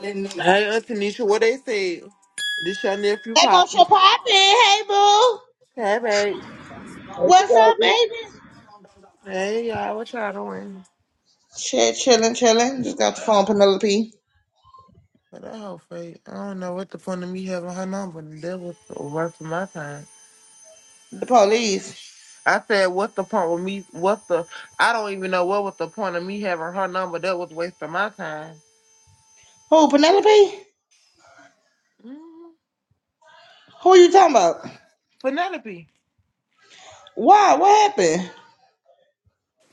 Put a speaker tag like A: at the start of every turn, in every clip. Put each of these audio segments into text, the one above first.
A: Hey, Auntie Nisha, what they say? This your nephew
B: Hey, what's your
A: popping.
B: poppin'? Hey, boo.
A: Hey, babe.
C: Hey,
B: What's
C: Chicago.
B: up, baby?
A: Hey, y'all, what y'all doing?
B: Shit, chilling, chilling. Just got the phone, Penelope.
A: But that whole fake. I don't know what the point of me having her number. That was worth my time.
B: The police.
A: I said, what's the point with me? What's the? I don't even know what was the point of me having her number. That was wasting my time.
B: Who, Penelope?
A: Mhm.
B: Who you talking about?
A: Penelope.
B: Why? What happened?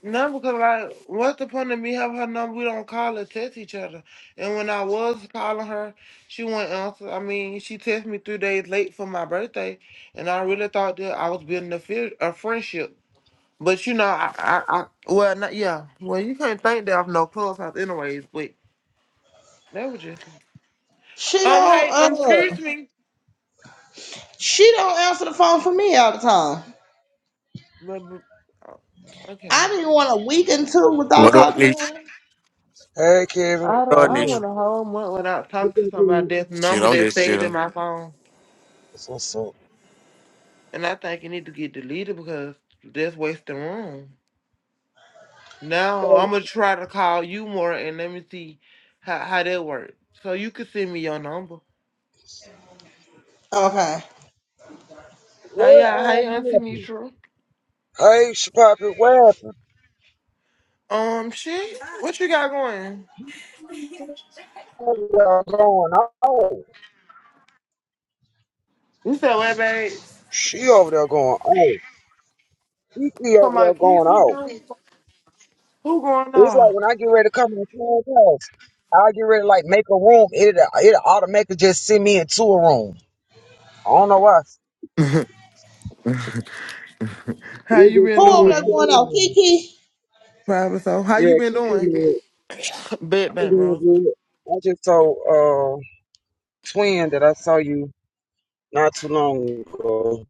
A: No, because like, what's the point of me having her number? We don't call or text each other. And when I was calling her, she wouldn't answer. I mean, she texted me three days late for my birthday, and I really thought that I was building a, fri- a friendship. But you know, I, I, I well, not, yeah, well, you can't think that I'm no clubhouse, anyways. But that was just
B: She
A: um,
B: don't,
A: hey, um,
B: uh,
A: excuse me,
B: she don't answer the phone for me all the time.
A: but, but uh,
B: I
A: okay.
B: didn't want a week and two without
D: What up,
B: talking to
D: Nish?
B: her.
C: Hey, Kevin.
A: I,
C: What's
D: What
A: don't-
D: up,
C: going
A: I
D: Nish?
A: went
C: on?
A: a whole month without talking
C: What's
A: to
C: up, dude?
A: somebody that's
D: Shit,
A: number
D: I'm
A: that
D: just
A: stayed in
D: chilling.
A: my phone.
C: What's up, son?
A: And I think it need to get deleted because that's wasting room.
C: Hey,
A: Now I'm gonna try to call you more and let me see how, how that works. So you can send me your number.
B: Okay.
A: Hi,
C: where
A: y'all, hey
C: all
A: Auntie
C: happened?
A: Mitra.
C: Hey, Chicago, where happened?
A: Um shit, what you got going?
C: Over there going off.
A: You said what babes?
C: She over there going off. Kiki
A: Come
C: over there
A: on, kiss
C: going
A: you
C: off.
A: doing? Who going
C: It's like
A: on?
C: when I get ready to come in the house, I get ready to like make a room. It it automatically just send me into a room. I don't know why.
A: How
C: It
A: you
C: just
A: been
C: send
B: Who over
C: me
B: there
A: doing?
C: into
B: going
C: a
B: on?
C: room.
B: Kiki?
A: Probably so. How
C: Yeah,
A: you been
C: Kiki,
A: doing?
C: man,
A: Bet
C: I'm
A: bank,
C: doing
A: bro.
C: good. I just told uh twin that I saw you not too long ago.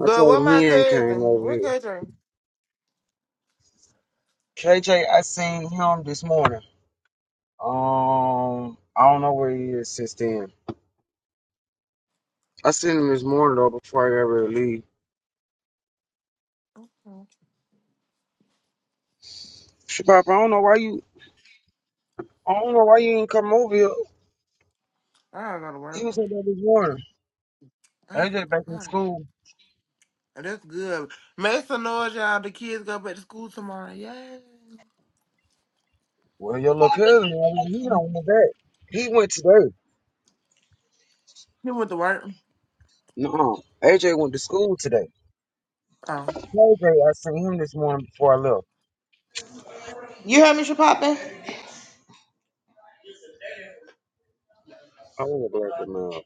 C: I
A: Good.
C: told
A: What
C: him
A: my
C: he ain't came
A: cousin?
C: over
A: What
C: here.
A: cousin?
C: KJ, I seen him this morning. Um, I don't know where he is since then. I seen him this morning though before I got ready to leave. Shit, I don't know why you, I don't know why you ain't come over here.
A: I don't go to
C: He
A: work.
C: was over there this morning. AJ back in
A: I,
C: school.
A: And that's good. Make some noise, y'all. The kids go back to school tomorrow. Yay.
C: Well, your little cousin, man, he
B: Poppin'.
C: don't went back. He went today.
A: You went to work.
C: No, AJ went to school today.
A: Oh.
C: KJ, I seen him this morning before I left.
B: You heard me, she poppin'?
C: I want to black him out.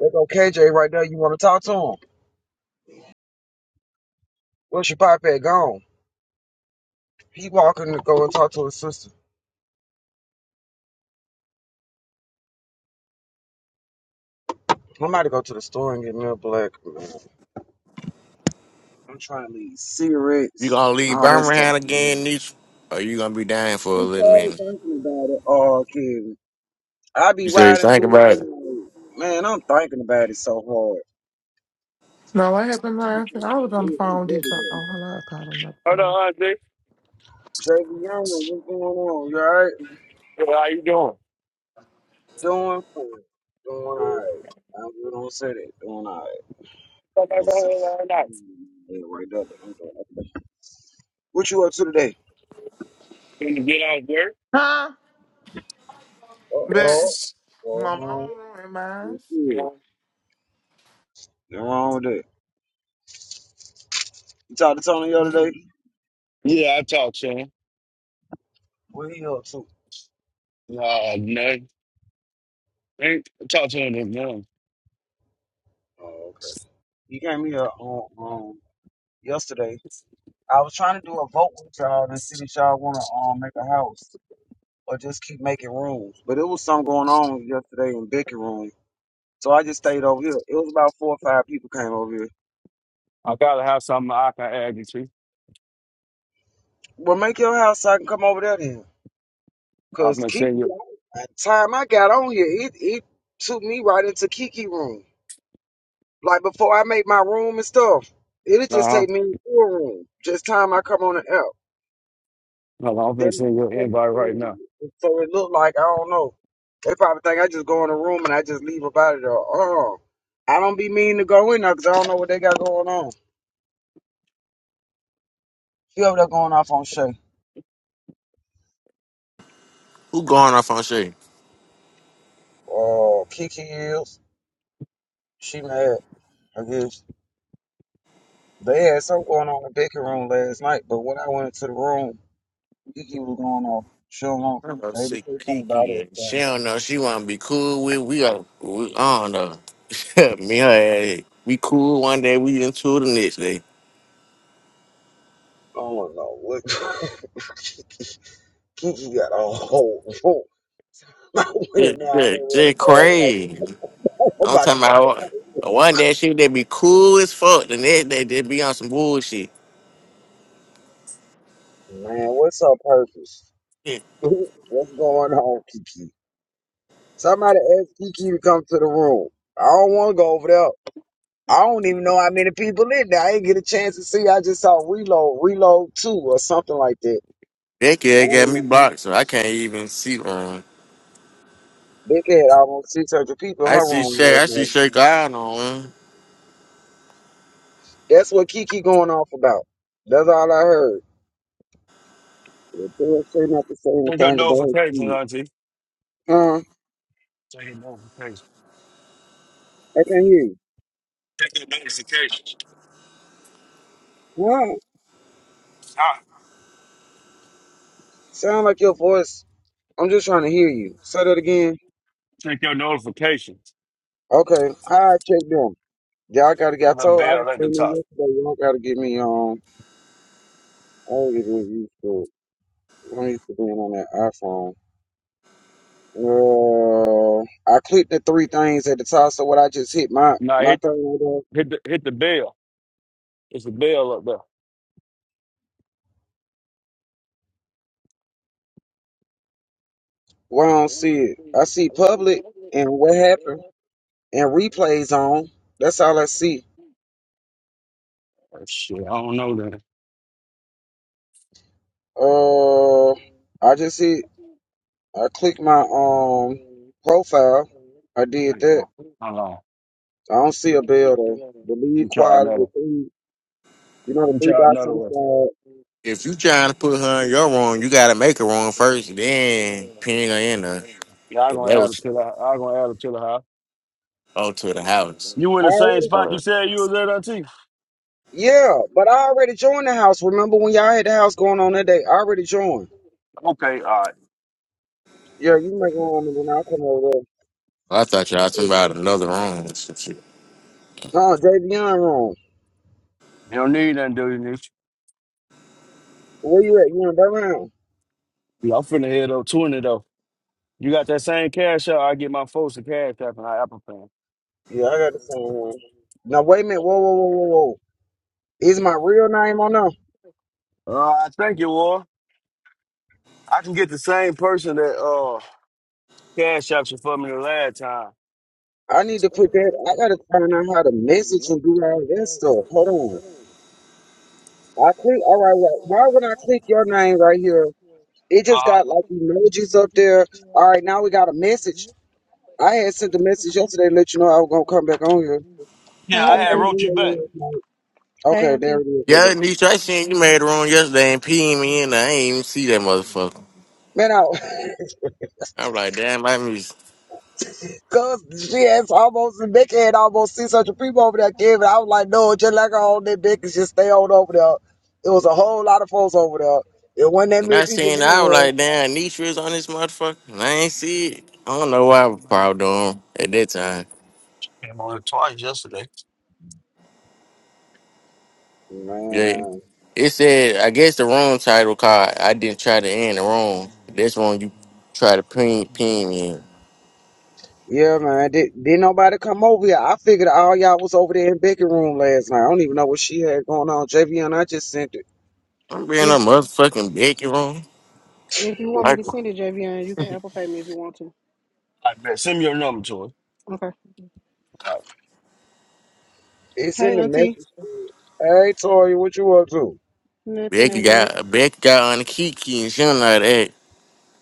C: There go KJ right there. You want to talk to him? Where's your pop at? Gone. He walking to go and talk to his sister. I'm about to go to the store and get me a black. Man. I'm trying to leave
D: You
C: cigarettes
D: gonna
C: and
D: leave
C: all that stuff.
D: Birmingham
C: for me.
D: again, Nish? Or you gonna be down here for a
C: I'm
D: little
C: sorry
D: minute?
C: thinking about it. Oh, Kevin. I be
D: You say you
C: riding
D: think
C: through
D: about it.
C: it. like, Man, I'm thinking about it so hard.
A: No, what happened last night? I was on the phone with this. Oh, hello. I called another
E: Hold
A: job.
E: on, Andre.
C: Jackie Young, what's going on? You alright?
E: How you doing?
C: Doing fine. Doing alright. I'm good on Saturday. Doing alright.
E: Come
C: You
E: back
C: know,
E: over here
C: Saturday.
E: Very nice.
C: Yeah, right up. I'm doing okay. What you up to today?
E: Can you get out there?
A: Huh?
C: Uh oh.
A: But my
C: Going
A: mama
C: on
A: ruined
C: with
A: mine.
E: Yeah,
C: kids. Nothing wrong with that. You talked to Tony the other day?
E: Yeah, I talked to him.
C: What he up to?
E: Uh, no, I talked to him this morning.
C: Oh, okay. He came here on um um yesterday. I was trying to do a vote with y'all and see if y'all wanna um make a house or just keep making rooms. But it was something going on yesterday in Becky room. So I just stayed over here. It was about four or five people came over here.
E: I gotta have something I can add you to.
C: Well make your house so I can come over there then.
E: I'm
C: Cause
E: gonna
C: Kiki
E: send you.
C: by the time I got on here, it it took me right into Kiki room. Like before I make my room and stuff, it'll
E: Uh
C: just
E: huh.
C: take me to a room. Just time I come on the app.
E: No, I'm
C: Then
E: gonna send
C: it'll
E: you an
C: come in
E: invite
C: the
E: right now.
C: room. so it look like I don't know. They probably think I just go in the room and I just leave about it or oh. I don't be mean to go in there because I don't know what they got going on. She over there going off on Shay.
D: Who going off on shit?
C: Oh, Kiki is. She mad, I guess. They had something going on in the baking room last night, but when I went into the room, Kiki was going off. She don't know.
D: I don't know,
C: Shay to
D: see
C: say something about
D: Kiki
C: it.
D: and
C: so.
D: she don't know she wanna be cool with. We are, we, I don't know. Me and her, ass, we cool one day, we into the next day.
C: I don't know what Kiki got a whole room. I went
D: Just,
C: in there. I didn't
D: just, just
C: want to go.
D: crazy.
C: I'm like, I'm
D: I'm
C: about to
D: talking
C: come back.
D: about uh, one day she would be cool as fuck, the next day just be on some bullshit.
C: Man, what's her purpose? What's going on, Kiki? Somebody asked Kiki to come to the room. I don't want to go over there. I don't even know how many people in there. I didn't get a chance to see. I just saw Reload, Reload 2 or something like that.
D: That
C: I
D: kid got
C: don't
D: me
C: know.
D: blocked, so I can't even see her.
C: Big had almost 600 people in
D: I
C: her
D: see
C: room
D: Shay.
C: last
D: I see
C: night.
D: Shay God on one.
C: That's what Kiki going off about. That's all I heard. Tell say not to say
E: Check your
C: anything about
E: notifications,
C: you.
E: Auntie.
C: Huh?
E: Check your notifications.
C: I can't hear you.
E: Check your notifications.
C: Huh?
E: Ah,
C: Sound like your voice. I'm just trying to hear you. Say that again.
E: check your notifications.
C: Okay. I check them. Y'all gotta get.
E: The
C: I
E: little
C: told. I was
E: bell at the
C: telling you
E: top.
C: yesterday. Y'all gotta get me on. I don't get used to. it. I'm used to being on that iPhone. Uh, I clicked the three things at the top. So what I just hit my
E: Now
C: my
E: hit
C: thing right there.
E: hit the hit the bell. It's a bell up
C: Well, I don't see it. I see public and what happened
E: there.
C: and
E: Or
C: replays on. That's all I see.
E: shit, I don't know that.
C: Uh, I just see. I clicked my um profile. I did
E: Hang
C: that.
E: on, Hold on.
C: I don't see
E: Let
C: a bell though. The lead
E: me try
C: quality, the
E: another.
C: three, you know,
E: Let
C: the
E: me
C: three
E: try
C: dots
E: another
C: on the
E: one.
C: side.
D: If you trying to put her in your room, you gotta make her room first, then pin her in her.
E: Yeah, I'm
D: If
E: gonna
D: that
E: add it
D: was
E: to the. I'm gonna add it to the house.
D: oh to the house.
E: You
C: I
E: in the same
C: already,
E: spot you
D: Uh,
E: said you was at, Auntie?
C: yeah, but I already joined the house. Remember when y'all had the house going on that day? I already joined.
E: Okay, all right.
C: Yeah, you make room and then I come over
D: I thought y'all
C: there.
D: talking about another room. or some shit.
C: No, Javion room.
E: You don't need nothing, do you, Nick?
C: Where you at? You in that room?
E: Yeah, I'm finna head up 20, though. You got that same cash out, I get my folks to cash app and I Apple Pay.
C: Yeah, I got the same one. Now wait a minute. Whoa, whoa, whoa, whoa, whoa. Is my real name on there?
E: Uh, I think you will. I can get the same person that uh cash out you for me the last time.
C: I need to
E: Uh-huh.
C: put that. I gotta find out how to message and do all that stuff. Hold on. I click. All right. Well, why would I click your name right here? It just got like emojis up there. All right. Now we got a message. I had sent a message yesterday to let you know I was gonna come back on here.
E: Yeah,
F: Hey,
C: I
E: I had
C: came
F: Auntie.
E: wrote
C: in
E: you
C: here
E: back.
C: last night.
F: Hey,
C: Okay, there
F: Auntie.
C: it is. Hold
D: Yeah,
C: on.
D: Nisha, I seen you made a room yesterday and peeing me in. there. I ain't even see that motherfucker.
C: Man, I,
D: I was like, damn, I miss.
C: cause she has almost Becky had almost six hundred people over there, Kevin. I was like, no, just like her on that Becky, just stay on over there. It was a whole lot of folks over there. It wasn't that
D: When
C: many
D: I
C: people in
D: seen, it,
C: the
D: I was
C: room.
D: like, damn, Nisha is on this motherfucker, and I ain't see it. I don't know why I was proud of him
E: Came
D: at that time.
E: on it twice yesterday. I
D: Yeah.
C: Man.
D: It said, I guess the wrong title card. I didn't try to end the wrong. That's wrong. You try to pin pin me. in.
C: Yeah, man. Did, didn't nobody come over here. I figured all y'all was over there in Becky room last night. I don't even know what she had going on. JVN, I just sent it.
D: I'm being a
F: If
D: motherfucking Becky wrong.
F: if you want me
D: Like
F: to send it, JVN, you can Apple Pay me if you want to.
E: bet. Send me your number to us.
F: Okay.
E: All right,
C: It's in
F: Hey,
C: the
F: Auntie.
C: message. Hey, Tori, what you up to?
F: Nothing
D: Becky
F: at work.
D: got Becky got on the Kiki and she don't know that.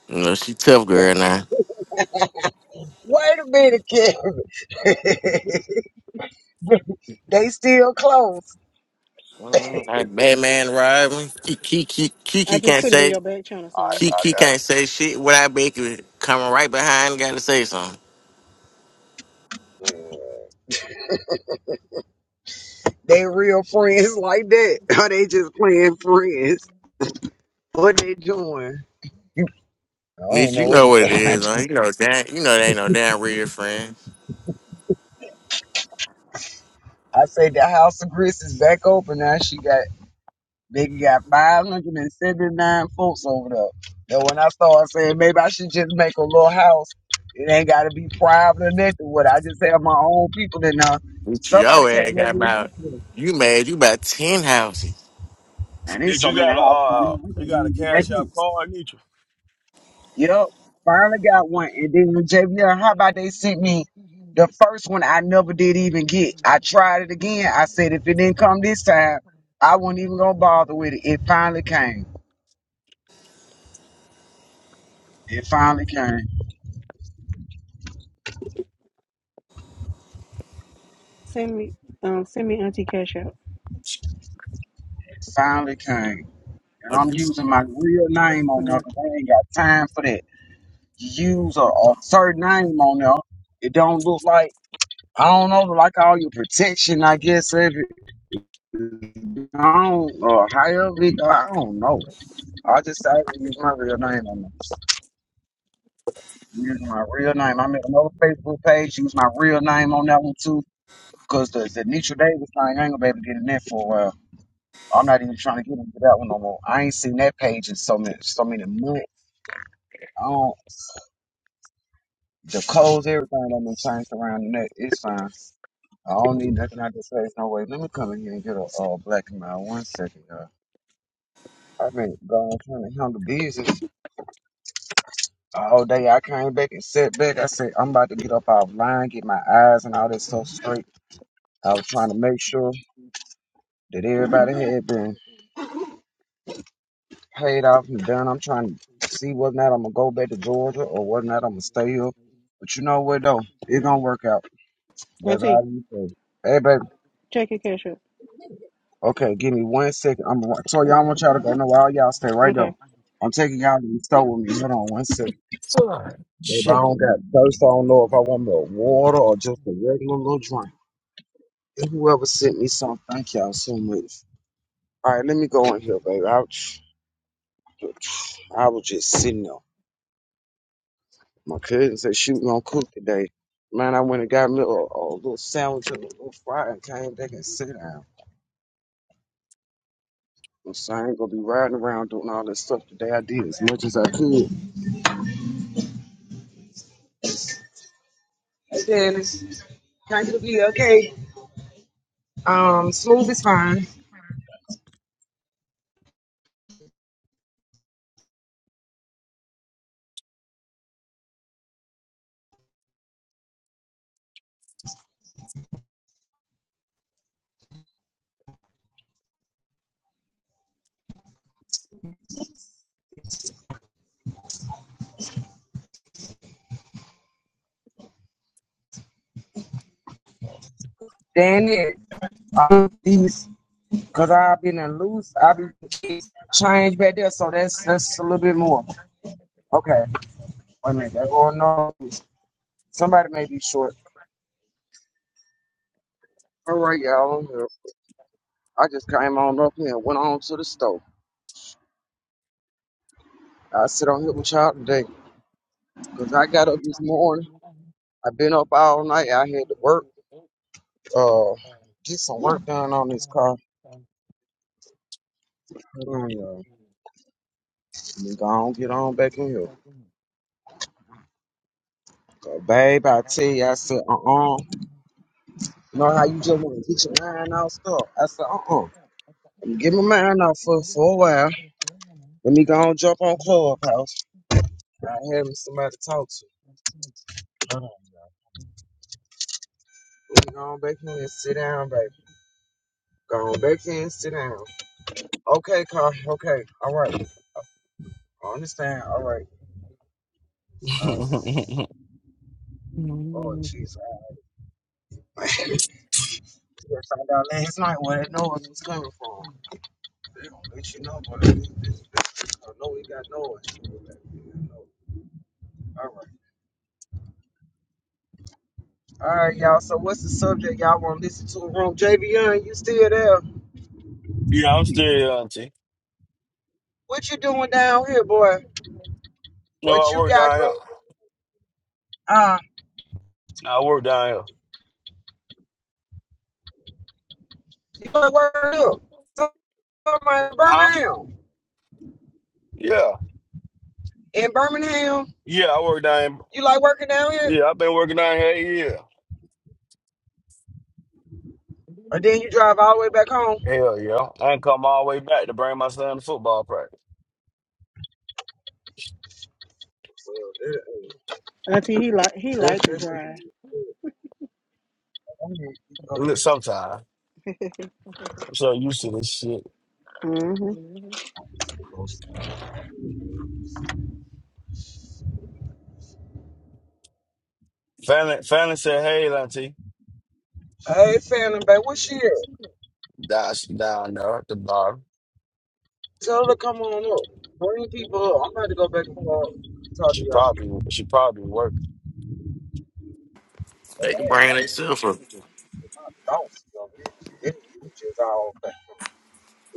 D: You know she tough girl now.
C: Wait a minute, kid. they still close.
D: Mm, Like Batman arriving. Kiki Kiki
F: I
D: Kiki
F: just
D: can't
F: put it in
D: say
F: your back channel,
E: all right,
F: son.
E: I
D: Kiki
E: got
D: can't
E: you.
D: say shit without Becky coming right behind. Got to say something.
C: They real friends like that. Or they just playing friends. What they doing? I don't
D: Nick,
C: know
D: you
C: what
D: know
C: to
D: what it
C: say. When I,
D: is, man.
C: do.
D: You know that. You know they ain't no damn real friend.
C: I say the house of Chris is back open now. She got They got 579 folks over there. Then when I started saying maybe I should just make a little house, it ain't got to be private or nothing. What I just have my own people in there.
D: What
C: Somebody
D: your ass
C: came over
D: got
C: here
D: about?
C: yesterday,
D: You mad? You about ten houses?
C: and there's
E: Did
C: so
E: you
C: many
E: got a
C: houses down
E: uh,
C: there. I
E: you
C: can't
E: got a
C: even get back
E: cash app
C: in.
E: card, need you?
C: Yep, finally
E: Oh,
C: got one. And then the JBL, how about they sent me the first one I never did even get? I tried it again. I said if it didn't come this time, I wasn't even gonna bother with it. It finally came. It finally came.
F: Send me, um, send me Auntie cash out.
C: It finally came. And
D: Are
C: I'm
D: you
C: using my real name on there
F: hmm
C: 'cause I ain't got time for that. You use a, a certain name on there, it don't look like I don't know, like all your protection, I guess. If it, I don't, or however, it, I don't know. I just say use my real name on this. Use my real name. I made another Facebook page. Use my real name on that one too, cause the the Nietzsche Davis thing, I ain't gonna be able to get in there for a while. I'm not even trying to get into that one no more. I ain't seen that page in so many so many months. I don't. The clothes, everything that been changed around the neck, it's fine. I don't need nothing out this place, no way. Let me come in here and get a uh, black and mild one second, y'all. I've been gone trying to handle business all day. I came back and sat back. I said, I'm about to get up offline, get my eyes and all that stuff straight. I was trying to make sure that everybody had been paid off and done. I'm trying to see whether or not I'm going to go back to Georgia or whether or not I'm going to stay up. But you know what, though? It's going to work out. That's
F: Auntie,
C: all you say. Hey, baby.
F: check your cash out.
C: Okay, give me one second. I'm so y'all I want y'all to go. No, all y'all stay right there.
F: Okay.
C: I'm taking y'all to the store with me. Hold on one second.
E: Son,
C: If I
E: shit.
C: don't got thirst, I don't know if I want me a water or just a regular little drink. And whoever sent me something, thank y'all so much. All right, let me go in here, baby. Ouch. I was just sitting there. My cousin said she was gonna cook today. Man, I went and got me a, a little sandwich and a little fry and came back and sat down. So I ain't gonna be riding around doing all this stuff today. I did as much as I could. Hey, Dennis. Constantly, okay. Um, smooth is fine. Then it, um, these, cause I've been a loose, I be changed back there, so that's that's a little bit more. Okay, wait a minute, that's going on. Somebody may be short. All right, y'all. I'm here. I just came on up here, and went on to the stove. I sit on here with y'all today, cause I got up this morning. I've been up all night. I had to work. Uh, get some work done on this car. Hold on, y'all. Let me go on, get on back in here. So, babe, I tell you, I said, uh-uh. You know how you just want to get your mind all stuff? I said, uh-uh. Let me get my mind off for, for a while. Let me go and jump on Clubhouse. I have me somebody to talk to. Hold on. Let me go on back in and sit down, baby. Go on back in and sit down. Okay, Carl. Okay. All right. I understand. All right. All right. Lord Jesus. I found out last night where that noise was coming from. They don't let you know, but this, this, this, I know we got noise. All right. All right, y'all. So what's the subject y'all want to listen to? Room JVN, you still there?
E: Yeah, I'm still here, Auntie.
C: What you doing down here, boy?
E: No,
C: What
E: I
C: you
E: work
C: got
E: down
C: going?
E: here.
C: Uh,
E: I work down here.
C: you like working up? Somebody in
E: Huh?
C: Birmingham.
E: Yeah.
C: In Birmingham,
E: Yeah, I work down
C: you like working down here?
E: here. Yeah, I've been working down here eight years.
C: Or then you drive all the way back home?
E: Hell yeah. I ain't come all the way back to bring my son to football practice.
C: So, that-
F: Auntie, he like he
C: That's,
F: liked to
C: that's,
F: drive.
C: go
E: Look,
C: ahead.
E: Sometime. I'm so used to this shit.
F: hmm
E: Fallon, Fallon said, hey, Auntie.
C: Hey, Phantom, babe, what's she at?
E: That's down there at the bottom.
C: Tell her to come on up. Bring people up. I'm about to go back and call, talk to
E: She
C: y'all.
E: probably she probably working.
C: Hey,
D: they can bring themselves up?
C: I don't see y'all here. It's just all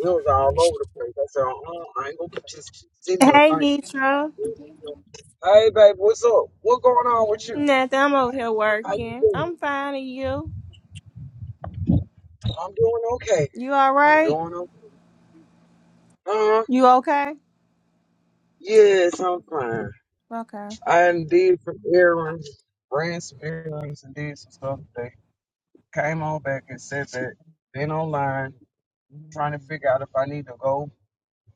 C: We was all over the place. I said, uh, I ain't gonna keep just sitting here
G: Hey,
C: thinking.
G: Nitra.
C: Hey, babe, what's up? What going on with you?
G: Nothing. I'm over here
C: How you
G: working.
C: doing?
G: I'm fine. And you?
C: I'm doing okay.
G: You all
C: I'm
G: right?
C: doing okay. Uh,
G: You okay?
C: yes, I'm fine.
G: Okay.
C: I done did some errands, ran some errands, and did some stuff today. Came on back and said that been online trying to figure out if I need to go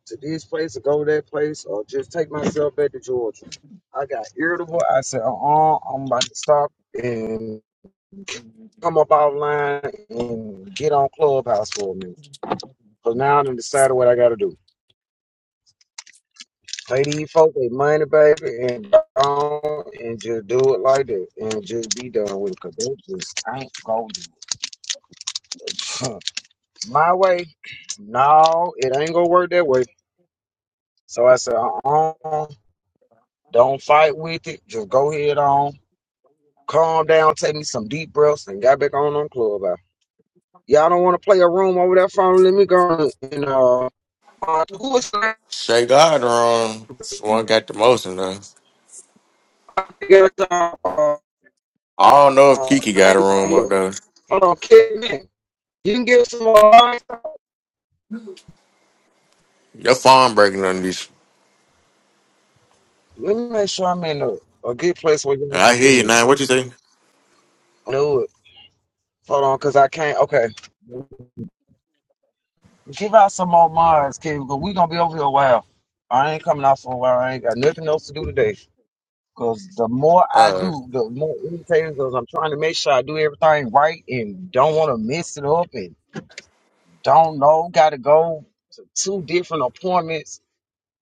C: to this place or go to that place or just take myself back to Georgia. I got irritable. I said, uh-uh, I'm about to stop and come up offline and get on Clubhouse for a minute. So now I done decided what I got to do. Pay these folks their money, baby, and go on and just do it like that and just be done with it because they just ain't going to do it. My way, no, it ain't going to work that way. So I said, uh-uh, don't fight with it. Just go head on calm down, take me some deep breaths, and got back on on club. Y'all don't want to play a room over that phone. Let me go and uh, uh who is that?
D: Shay got her room. One got the most in there.
C: uh, uh,
D: I don't know if
C: uh,
D: Kiki got a room up there.
C: Hold on, kid man. You can give some more. lines?
D: Your phone breaking on this.
C: Let me make sure I'm in a, a good place where you
D: I
C: can
D: hear
C: hear
D: you
C: me.
D: now. What you say?
C: Do it. Hold on, cause I can't. Okay, give out some more minds, kid. Cause we gonna be over here a while. I ain't coming out for a while. I ain't got nothing else to do today. Cause the more I
D: Uh,
C: do, the more irritated. Cause I'm trying to make sure I do everything right and don't want to mess it up and don't know. Got to go to two different appointments.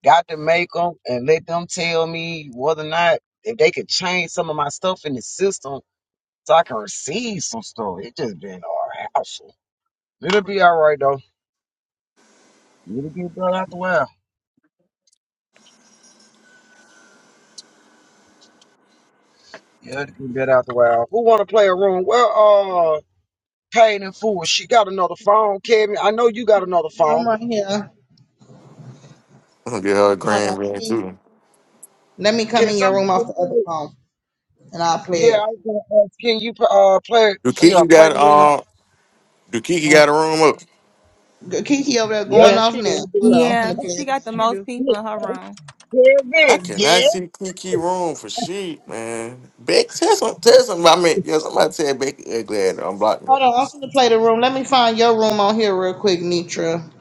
C: Got to make them and let them tell me whether or not if they could change some of my stuff in the system so I can receive some stuff. It just been awful. It'll be all right though. It'll get better after a while. Yeah, it'll get better after a while. Who want to play a room? Well, uh, Pain and Fool. She got another phone, Kevin. I know you got another phone.
B: I'm right here.
D: I'm gonna get her a
B: Hold
D: grand
B: on, let
D: man
B: me,
D: too.
B: let me come
C: Can
B: in your
C: somebody
B: room off the
C: play?
B: other
C: it?
B: phone and I'll play
C: Yeah,
B: it.
C: I was gonna ask. Can you uh play
D: Do
C: play uh,
D: Kiki
C: play
D: got
C: the room?
D: uh? Do Kiki
C: Mm,
D: got a room up?
B: G- Kiki over there
C: yep.
B: going
F: Yeah,
B: off
F: she
B: now.
F: do.
C: that's
B: Hold
C: it.
B: on, I'm finna
G: Yeah,
B: play
G: she
B: it
G: got the
B: now.
F: She
G: most
F: do.
G: people
C: Yeah,
G: in her room.
C: here
D: I
C: it is.
D: cannot
C: Yeah,
D: see Kiki room for shit, man. Beck, tell some, tell some. I mean, yeah, somebody tell Becky ugly ass to unblock me.
B: Hold on, I'm finna play the room. Let me find your room on here real quick, Nitra.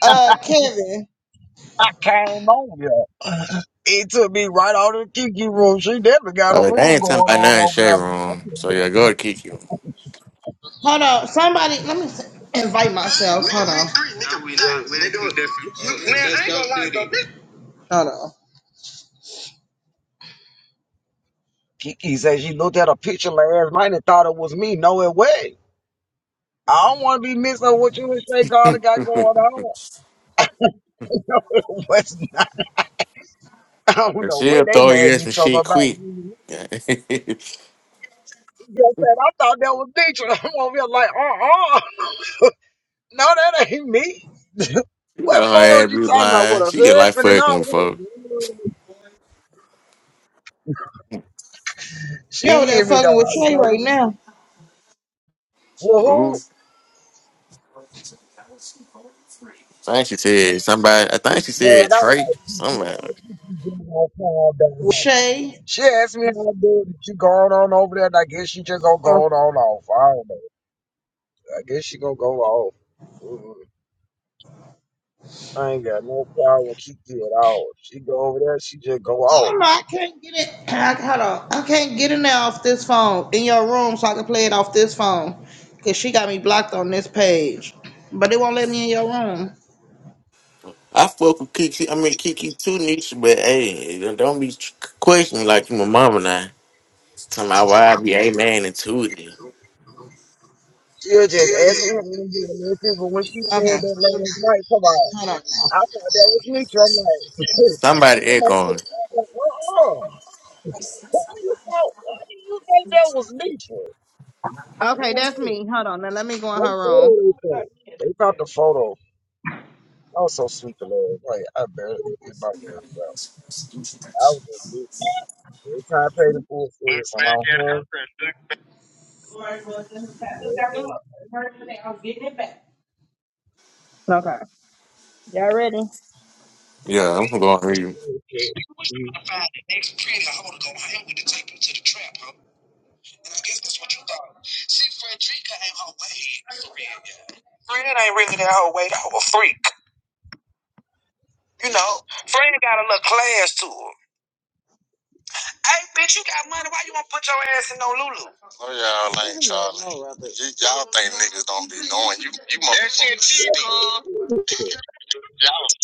B: Uh, Kevin.
C: I came on here. It took me right out of the Kiki room. She definitely got a
D: Oh, they
C: room
D: ain't talking
C: going
D: about
C: on
D: nothing
C: over
D: shade
C: there. man.
D: room. So yeah, go to Kiki.
B: Hold on, somebody. Let me s- invite myself. Hold on. Nah, we
C: Yeah.
B: not with it. We different. You- you- man, I ain't gonna lie, though. This- Hold on.
C: Kiki said she looked at a picture last night and thought it was me. No, it wasn't. I don't want to be missing what you and Shay Carter got going on. What's not? I don't
D: And
C: know
D: She'll
C: what they
D: throw
C: mad
D: you
C: at
D: in some
C: each other
D: shit
C: about.
D: quick.
C: You just said I thought that was Deidre. I'm over here like, uh uh No, that ain't me.
D: you
C: what
D: know her
C: photo
D: ass
C: you
D: be
C: talking about? With
D: lying.
C: a
D: She get like
C: husband and all
D: fucking with
C: that?
D: folks.
C: She
B: You over there
C: hit me, dog.
B: fucking with
C: You
B: Shay
C: know what I
B: right
C: mean?
B: now?
C: Well,
D: Who?
C: who?
D: I think she said somebody. I think she
C: Man,
D: said
C: I was
D: Trey.
C: like,
D: Somebody.
B: With Shay
C: she asked me how i do. doing. She going on over there, and I guess she just gonna go
B: or
C: on off. I don't know. I guess she gonna go off. Mm-mm. I ain't got no problem with Kiki at all. She go over there, she just go
B: I
C: off.
B: don't know. I can't get it. I, hold on. I can't get in there off this phone in your room, so I can play it off this phone. Cause she got me blocked on this page, but it won't let me in your room.
D: I fuck with Kiki. I mean Kiki too, Nisha. But hey, don't don't be tr- questioning like you my mama now. Talking about why I be a man and two. of you.
C: She'll just ask me how I'm doing. But when she
B: Okay,
C: said that last night, come on.
B: hold on.
C: I thought that was neutral. I'm like,
D: Somebody
C: I'm like,
D: echoing.
C: uh-uh. Who you thought? Why do you think that was neutral? I
H: Okay,
C: don't
H: that's
C: know.
H: me. Hold on. Now let me go in
C: They
H: her room.
C: photo they thought. They thought the photo. I was so sleep alone. Like, I barely could get my words out. I was just listening. Every time I paid the full service, I'm out home. Wait for it.
H: Okay. Y'all ready? Fred
D: Yeah, I'm gonna go on you.
C: Wait for it.
H: ain't really that whole way though. A freak. You know, Fred got a little class to him. Hey, bitch, you got money. Why you want to put your ass in no Lulu? Oh, y'all ain't Charlie. Y- y'all think niggas don't be knowing. You, you motherfuckers. That shit cheap, huh?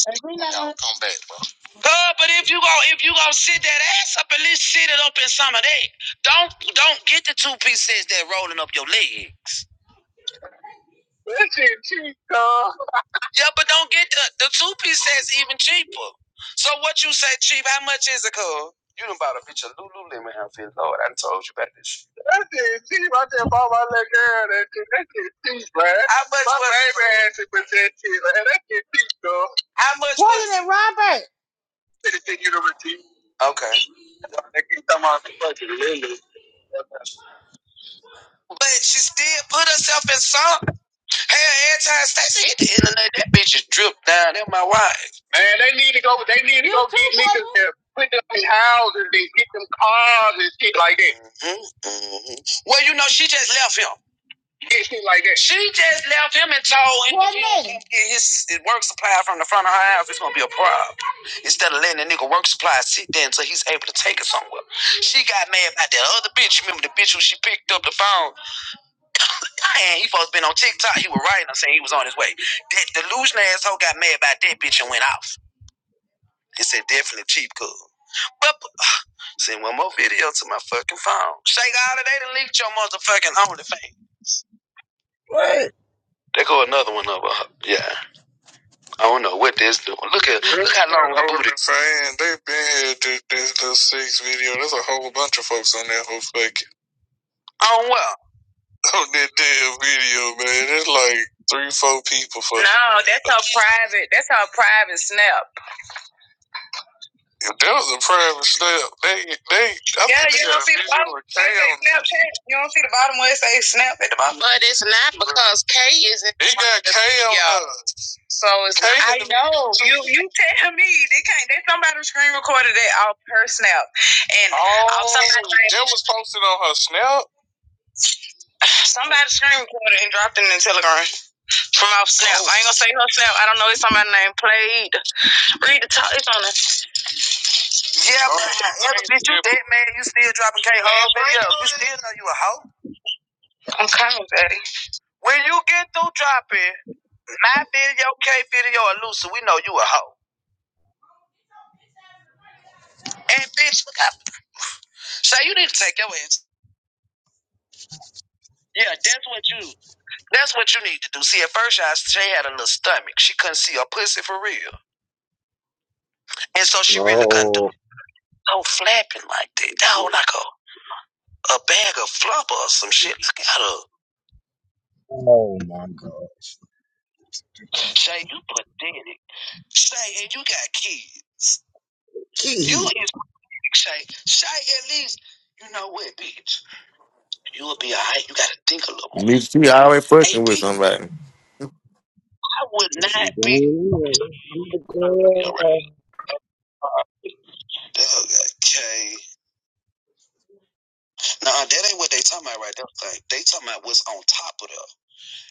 H: Y'all come back, bro. Uh, but if you go, if you gonna sit that ass up, at least sit it up in some of that. Don't don't get the two piece sets that rolling up your legs. Yeah, but don't get the the two piece sets even cheaper. So what you say cheap? How much is it, cuz? You done bought a bitch a Lululemon outfit, Lord. I done told you about this shit. That shit cheap. I just bought my little girl that shit. That shit cheap, man. How much my was baby ass it was that shit, man. That shit cheap, though. How much What was is it? Robert. City University. Okay. But she still put herself in song. Hell, every time Stacey hit the internet, that bitch is dripped down. They're my wife. Man, they need to go. They need to You go too, get niggas to put them in houses and get them cars and shit like that. hmm hmm Well, you know, she just left him. Get shit like that. She just left him and told him What if get his, his work supply from the front of her house. It's gonna be a problem. Instead of letting the nigga work supply sit there until he's able to take it somewhere. She got mad about that other bitch. Remember the bitch who she picked up the phone? And he supposed to been on TikTok. He was writing her saying he was on his way. That delusional asshole got mad about that bitch and went off. He said definitely cheap cool. But send one more video to my fucking phone. Shake all of that and leaked your motherfucking OnlyFans.
C: What?
H: They go another one of her. Yeah. I don't know what this doing. Look at look how long I've ago this. they've been here did this little six video. There's a whole bunch of folks on there who fucking Oh well. on that damn video, man. There's like three, four people fucking. No, That. that's her private. That's her private snap. If That was a private snap. They they I Yeah, you don't see the bottom. Snapchat. You don't see the bottom where it says snap at the bottom. But it's not because it got Cam yeah. though. So it's I know you. They can't. They somebody screen recorded it off her snap, and oh, off somebody, that was posted on her snap. Somebody screen recorded and dropped it in Telegram from off snap. Oh. I ain't gonna say her snap. I don't know. It's somebody named Played. Read the top. It's on it. Yeah, oh, but oh, yeah, bitch, you dead man. You still dropping K hard videos. You still know you a hoe. I'm coming, daddy. When you get through dropping my video, K video, or Lucy, we know you a hoe. Look up. So you need to take your ass. Yeah, that's what you. That's what you need to do. See, at first, y'all, she had a little stomach. She couldn't see her pussy for real. And so she really couldn't do
C: No.
H: it. no flapping like that. That was like a, a bag of flubber or some shit. Look at her.
C: Oh my gosh.
H: Shay, you pathetic. Shay, and you got kids. You
C: Key.
H: is weak, Shay. Shay, at least, you know what, bitch? You will be all right. You got to think a little more.
D: Nisha, she always
H: Hey,
D: fucking with
H: bitch,
D: somebody.
H: I would
C: This
H: not
C: is going
H: be.
C: on. This is
H: You're
C: going
H: right.
C: on.
H: Uh, Okay. Nah, that ain't what they talking about right there. Thing. They talking about what's on top of the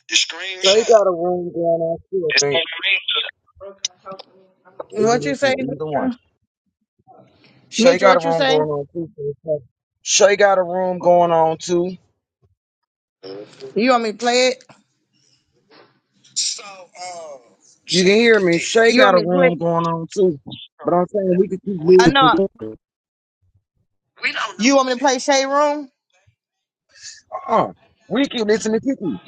H: the
C: Shay
H: screenshot.
C: got a room going on too, I
H: It's on
C: think.
H: the replay.
C: Maybe
H: What you
C: it's
H: say,
C: in either one.
H: Nitra?
C: Shay
H: Nitra,
C: got a
H: what you
C: room
H: say?
C: going on too. so it's like- Shay got a room going on too.
H: You want me to play it? So um, you
C: You can
H: say you
C: hear me.
H: pathetic.
C: Shay
H: You want
C: got a
H: me to play? it?
C: room going on too. But I'm saying we can
H: We I
C: keep
H: know.
C: listening.
H: we don't know You want me to play Shade Room?
C: Uh-uh. We can listen to Kiki.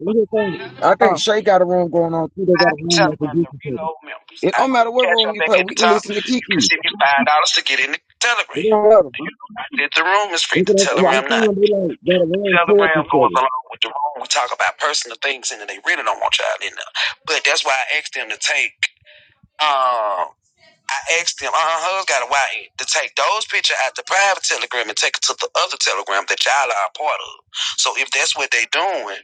C: Look at that. I think
H: Oh,
C: Shay got a room going on too. They
H: I
C: got a
H: can tell
C: room
H: you
C: at the
H: about the
C: Kiki table.
H: reload members.
C: It
H: I
C: don't
H: can
C: matter what
H: catch
C: room
H: up
C: you
H: back
C: play,
H: at
C: we
H: the
C: can
H: top.
C: listen to
H: You can
C: Kiki.
H: send me five dollars to get in the Telegram.
C: It don't matter.
H: You know, I did the room is free
C: That's
H: to
C: what I'm
H: Telegram now.
C: saying. I'm saying they like got a room towards
H: Telegram
C: each
H: goes
C: other.
H: along with the room. We talk about personal things, and they really don't want y'all in there. But that's why I asked them to take. um, I asked them, uh hub's got a YN, to take those pictures out the private telegram and take it to the other telegram that y'all are a part of. So if that's what they doing,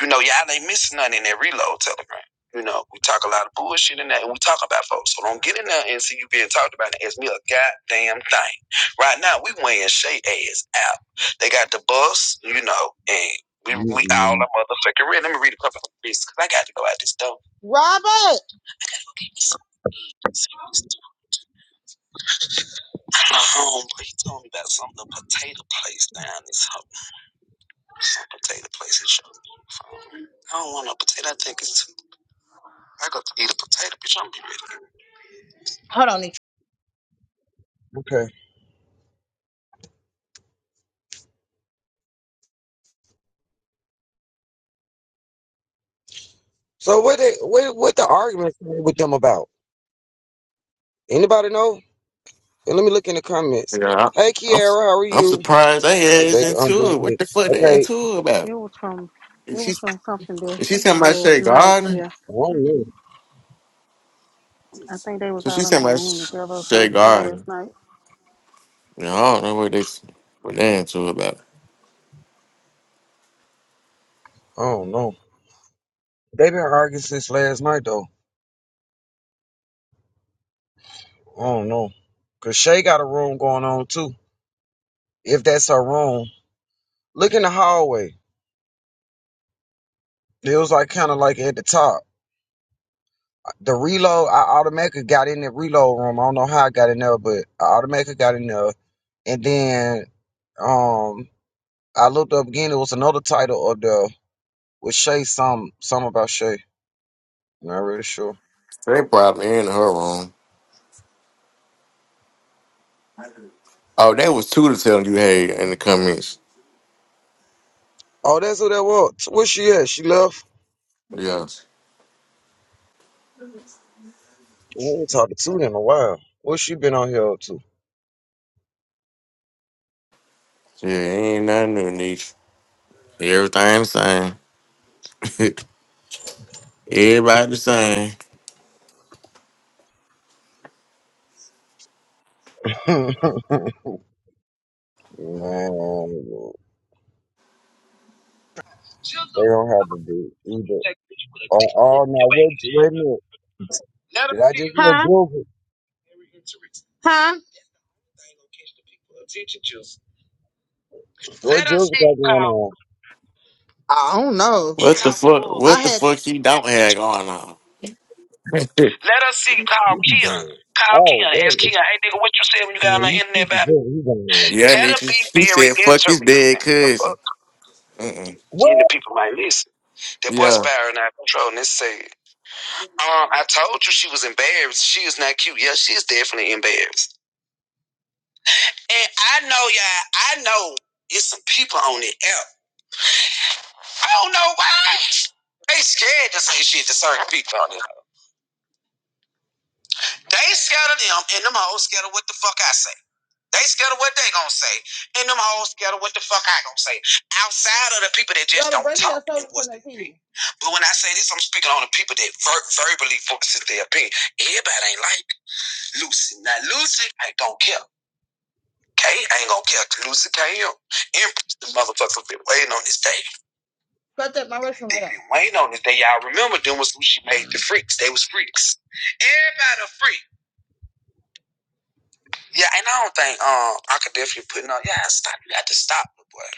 H: you know, y'all ain't missing nothing in that reload telegram. You know, we talk a lot of bullshit in that and we talk about folks. So don't get in there and see you being talked about and ask me a goddamn thing. Right now, we weighing Shay ass out. They got the bus, you know, and we, we all
C: Mm-mm.
H: a motherfucking ready. Let me read a couple of these because I got to go out this door. Robert! My homeboy, he told me about something, a potato place down this home. Potato place he showed me. on the phone. I don't want no potato. I think it's too. I got to eat a potato, bitch. I'm be ready. Hold on, Nick.
C: Okay. So what they what what the arguments with them about? Anybody know? And let me look in the comments.
D: Yeah,
C: Hey
D: I'm,
C: Kiara, how are
D: I'm
C: you?
D: surprised they
C: She look
D: is
C: like, I'm
D: into
C: doing
D: it. What
C: good.
D: the fuck they
C: Okay.
D: into it about?
F: It was from it
D: If
F: was
D: she's
F: from something that
D: if she's talking about Shea
F: last night.
D: Garden,
F: Yeah,
C: I don't know.
F: I think they was
D: so
F: out
D: she's
F: in the
D: talking about
F: room together or
D: Shea
F: something
D: Garden.
F: last night.
D: You know, I don't know what they what they into it about.
C: I don't know. They been arguing since last night though. I don't know. Cause Shay got a room going on too. If that's her room. Look in the hallway. It was like kinda like at the top. The reload, I automatically got in the reload room. I don't know how I got in there, but I automatically got in there. And then um. I looked up again. It was another title of the with Shay. Some some about Shay. Not really sure.
D: They probably in her room. Oh, that was Tudor telling you hey in the comments.
C: Oh, that's who that was. Where she at? She left.
D: Yeah,
C: We ain't talking to them in a while. What she been on here up to?
D: yeah, ain't nothing new, niche. Everything the same. Everybody the same.
C: Man, they
H: Jizzle,
C: don't have to do either.
H: that bitch with a
C: Oh,
H: dick on
C: oh
H: your
C: no,
H: ass.
C: wait, wait a minute.
H: Let us
C: Did I
H: see you.
C: just hear Joseph?
H: Very interesting. They ain't gonna catch the people. Attention, Jizzle.
C: What
H: Let us
C: Joseph
H: see
C: got
H: you
C: going
H: call.
C: on?
H: I don't know. And
D: What the
H: talk to
D: fuck?
H: bull.
D: What
H: I
D: the
H: had.
D: fuck?
H: man.
D: He
H: Very
D: don't have
H: interesting.
D: going on.
H: Let us see you call
C: You be
H: Keon.
C: bad.
H: Call
C: Oh,
H: Keon.
C: that
H: Ask
C: is-
H: Keon, hey, nigga, what you said when you
C: man,
H: got on the
C: you
H: internet
C: keep it
H: about me?
C: going. He going on.
D: yeah,
H: That'll
D: Nietzsche.
H: be
D: He
H: very
D: said, "Fuck his dead
H: interesting. The fuck.
D: cousin." Mm-mm.
H: and the
C: What?
H: people might listen. That boy
D: Yeah.
H: spiraling out of control, and they say, um, I told you she was embarrassed. She is not cute. Yeah, she is definitely embarrassed. And I know, y'all, I know it's some people on the app. I don't know why. They scared to say shit to certain people on it. They scared of them, and them hoes scared of what the fuck I say. They scared of what they gonna say, and them hoes scared of what the fuck I gonna say. Outside of the people that just Brother, don't talk us over the opinion. But when I say this, I'm speaking on the people that ver- verbally voices their opinion. Everybody ain't like Lucy. Now Lucy ain't gonna care. Kate ain't gonna care. Lucy came in. Empress, the motherfucker been waiting on this day. Cut that my restroom They been waiting on this day. Y'all remember them was who she made the freaks. They was freaks. Everybody a freak. Yeah, and I don't think um I could definitely put no. Yeah, stop. You got to stop, my boy.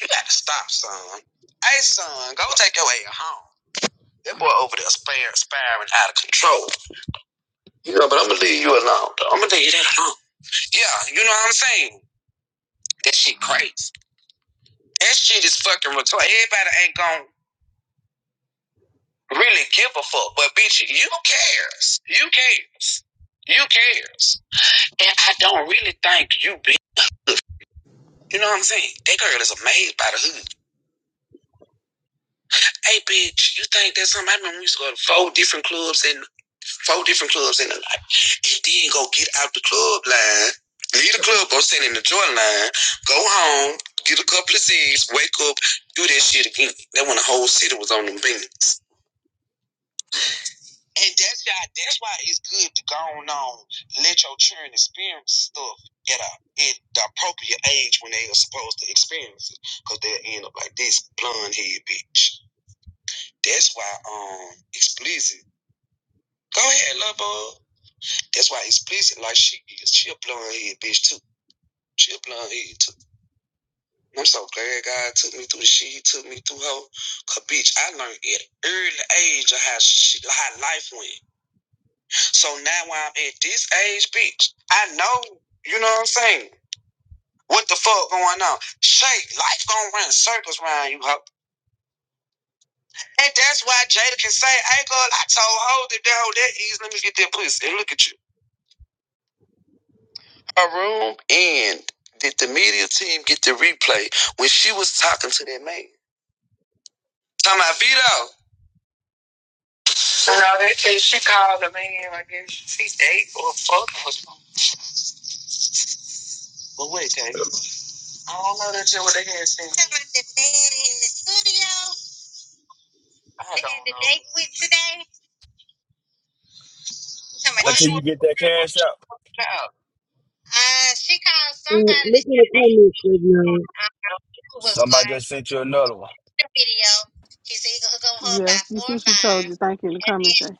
H: You got to stop, son. Hey, son, go take your way home. That boy over there spir- spiraling out of control. You know, but I'm gonna leave you alone. I'm gonna leave you alone. Yeah, you know what I'm saying. That shit crazy. That shit is fucking retarded. Everybody ain't gonna really give a fuck, but bitch, you cares. You cares. You cares. And I don't really think you, bitch. You know what I'm saying? That girl is amazed by the hood. Hey, bitch, you think that's something? I remember we used to go to four different clubs and four different clubs in the night. And then go get out the club line, leave the club, go stand in the joint line, go home, get a couple of Z's, wake up, do that shit again. That when the whole city was on them beans. And that's why, that's why it's good to go on, on let your children experience stuff at, a, at the appropriate age when they are supposed to experience it. Because they'll end up like this blonde head bitch. That's why um explicit Go ahead, love boy. That's why he's pleasing like she is. She a blonde head bitch too. She a blonde head too. And I'm so glad God took me through the shit he took me through her. Cause bitch, I learned at an early age of how she, how life went. So now when I'm at this age, bitch, I know, you know what I'm saying? What the fuck going on? Shake, life gonna run circles around you, hoe. And that's why Jada can say, hey girl, I told her that that hoe that easy, let me get that pussy. And look at you. her room and did the media team get the replay when she was talking to that man? Talking about Vito. So now she called the man, I guess she's eight or something. But wait, Kay. I don't know that you would have had since. I don't know. What's
E: Until
H: you
E: you get that cash out,
H: about?
C: Uh, Look in the comments, Savion.
E: somebody just sent you another one.
F: Yeah, you see, she told
H: Five.
F: you. Thank you in the comments, Jay.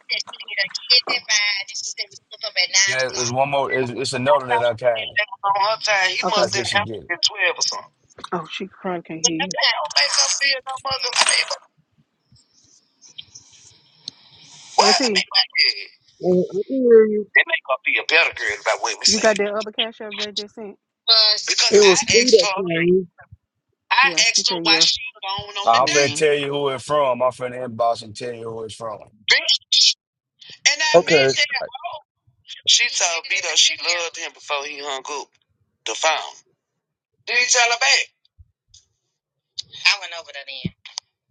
E: Yeah, it's one more. It's, it's another that I came.
H: That was on her time. He
F: Okay.
E: That's
H: must have been
E: this you get it.
H: 12 or something.
F: Oh, she probably can't hear
H: That
F: you.
H: don't make her feel no mother. I mean, what? I
F: Auntie,
H: mean, what? Yeah.
C: Uh, I can hear you.
H: They make her be a better girl about what we
F: you got
H: said.
F: that other cash app J just sent?
H: Because
C: It
H: I
C: was three
H: asked
C: that
H: her,
C: came.
H: I
F: Yeah, she
H: asked her
F: said
H: why
F: yeah.
H: she was gone on the
F: J
E: I'm
H: date.
E: finna
F: yeah.
E: tell you who it's from. I'm finna inbox and tell you who it's from.
H: And I meant
C: Okay.
H: She told Vito she loved him before he hung up the phone. Did he tell her back?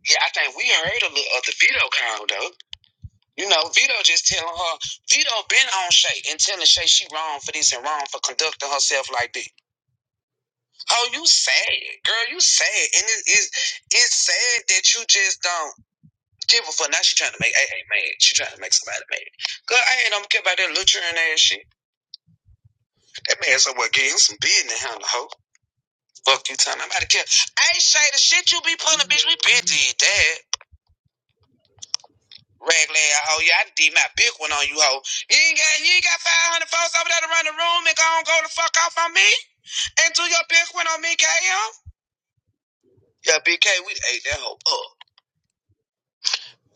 H: Yeah, I think we heard a little of the Vito call though. You know, Vito just telling her, Vito been on Shay and telling Shay she wrong for this and wrong for conducting herself like this. Oh, you sad. Girl, you sad. And it is it's sad that you just don't give a fuck. Now she trying to make a A mad. She trying to make somebody mad. Girl, I ain't don't care about that luturin ass shit. That man somewhere getting him some business, huh? the hoe. Fuck you talking about to kill. Hey Shay, the shit you be pulling, bitch, we been did that. Raglan hoe, yeah, I did my big one on you hoe. You ain't got you ain't got five hundred folks over there to run the room and go and go the fuck off on me. And do your big one on me, KM. Yeah, Big K, we ate that hoe up.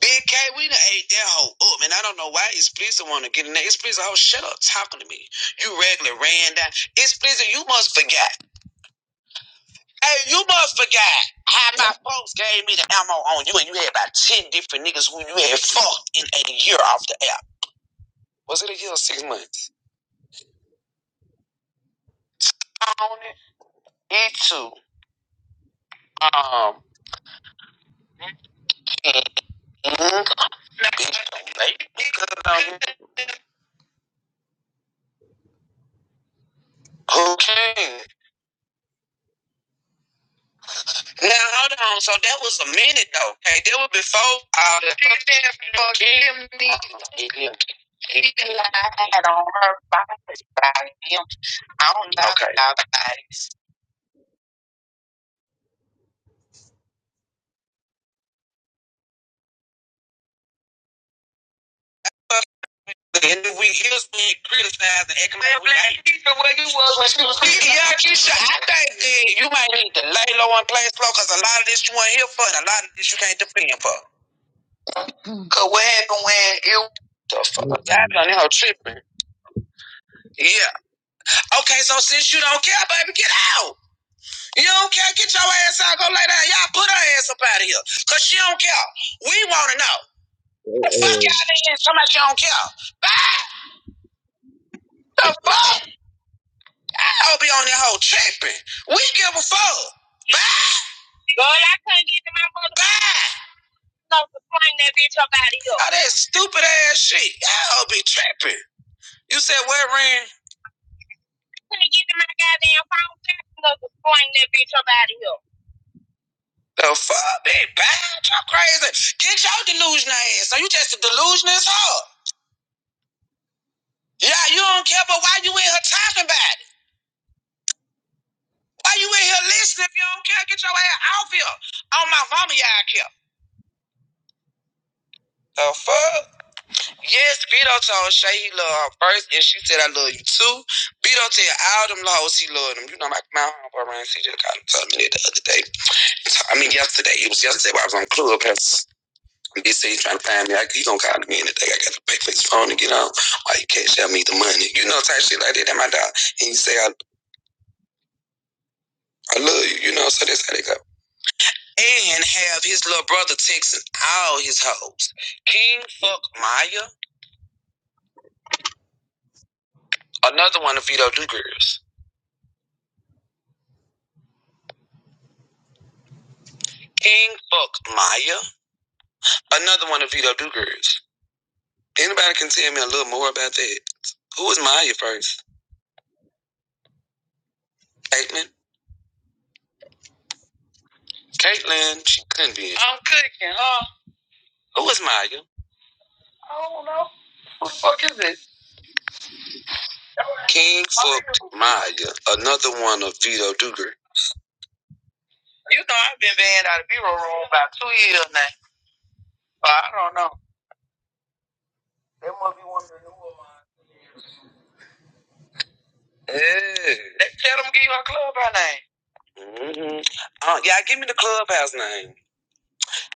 H: Big K, we done ate that hoe up, Man, I don't know why it's pleasing want to get in there. It's pleasing, oh, shut up talking to me. You regular ran down. It's pleasing, you must forget. Hey, you must forget how my folks gave me the ammo on you, and you had about 10 different niggas who you had fucked in a year off the app. Was it a year or six months? On it. It too. Um. mm, Okay. Now hold on. So that was a minute though. Hey, that was before all the Okay. Then we here's when Take 'em Man, away. Black Keisha, where you was when she was speaking. Yeah, Keisha, I think that you might need to lay low and play slow because a lot of this you ain't here for and a lot of this you can't defend for. Because what happened when it was the fuck? I
C: Mhm.
H: done her tripping. Yeah. Okay, so since you don't care, baby, get out. You don't care, get your ass out, go lay down. Y'all put her ass up out of here. Cause she don't care. We wanna know.
C: So,
H: The fuck
C: uh,
H: y'all did somebody you don't care. Bye. The fuck? I'll be on that whole tripping. We give a fuck. Bye. Girl, I couldn't get to my mother ride. So to swing that bitch up out of here. All that stupid ass shit. Y'all be trapping. You said where, Ren? Couldn't get to my goddamn phone. So to swing that bitch up out of here. The fuck, bitch? Bitch, y'all crazy. Get your delusional ass. So you just a delusional as hell. Yeah, you don't care, but why you in here talking about it? Why you in here listening if you don't care? Get your ass off here. On my mama, y'all care. The fuck? Yes, Vito told Shay he loved her first, and she said, I love you too. Vito tell all them hoes he loved them. You know, my, my homeboy Ryan C. just called and told me that the other day. I mean, yesterday. It was yesterday while I was on Clubhouse. BC trying to find me. I, he gonna call me in the day. I gotta pay for his phone to get on. Why you cash out me the money? You know, type shit like that. That my dog. And you say, I, I love you. You know, so that's how they go. And have his little brother texting all his hoes. King fuck Maya. Another one of Vito Do Girls. King fuck Maya. Another one of Vito Dugers. Anybody can tell me a little more about that? Who was Maya first? Caitlin? Caitlin, she couldn't be. in. Oh. Who was Maya? King fucked Maya. Another one of Vito Duger. You know I've been banned out of B-roll room about two years now. So I don't know. Yeah. Mm-hmm. Uh, yeah, give me the clubhouse name.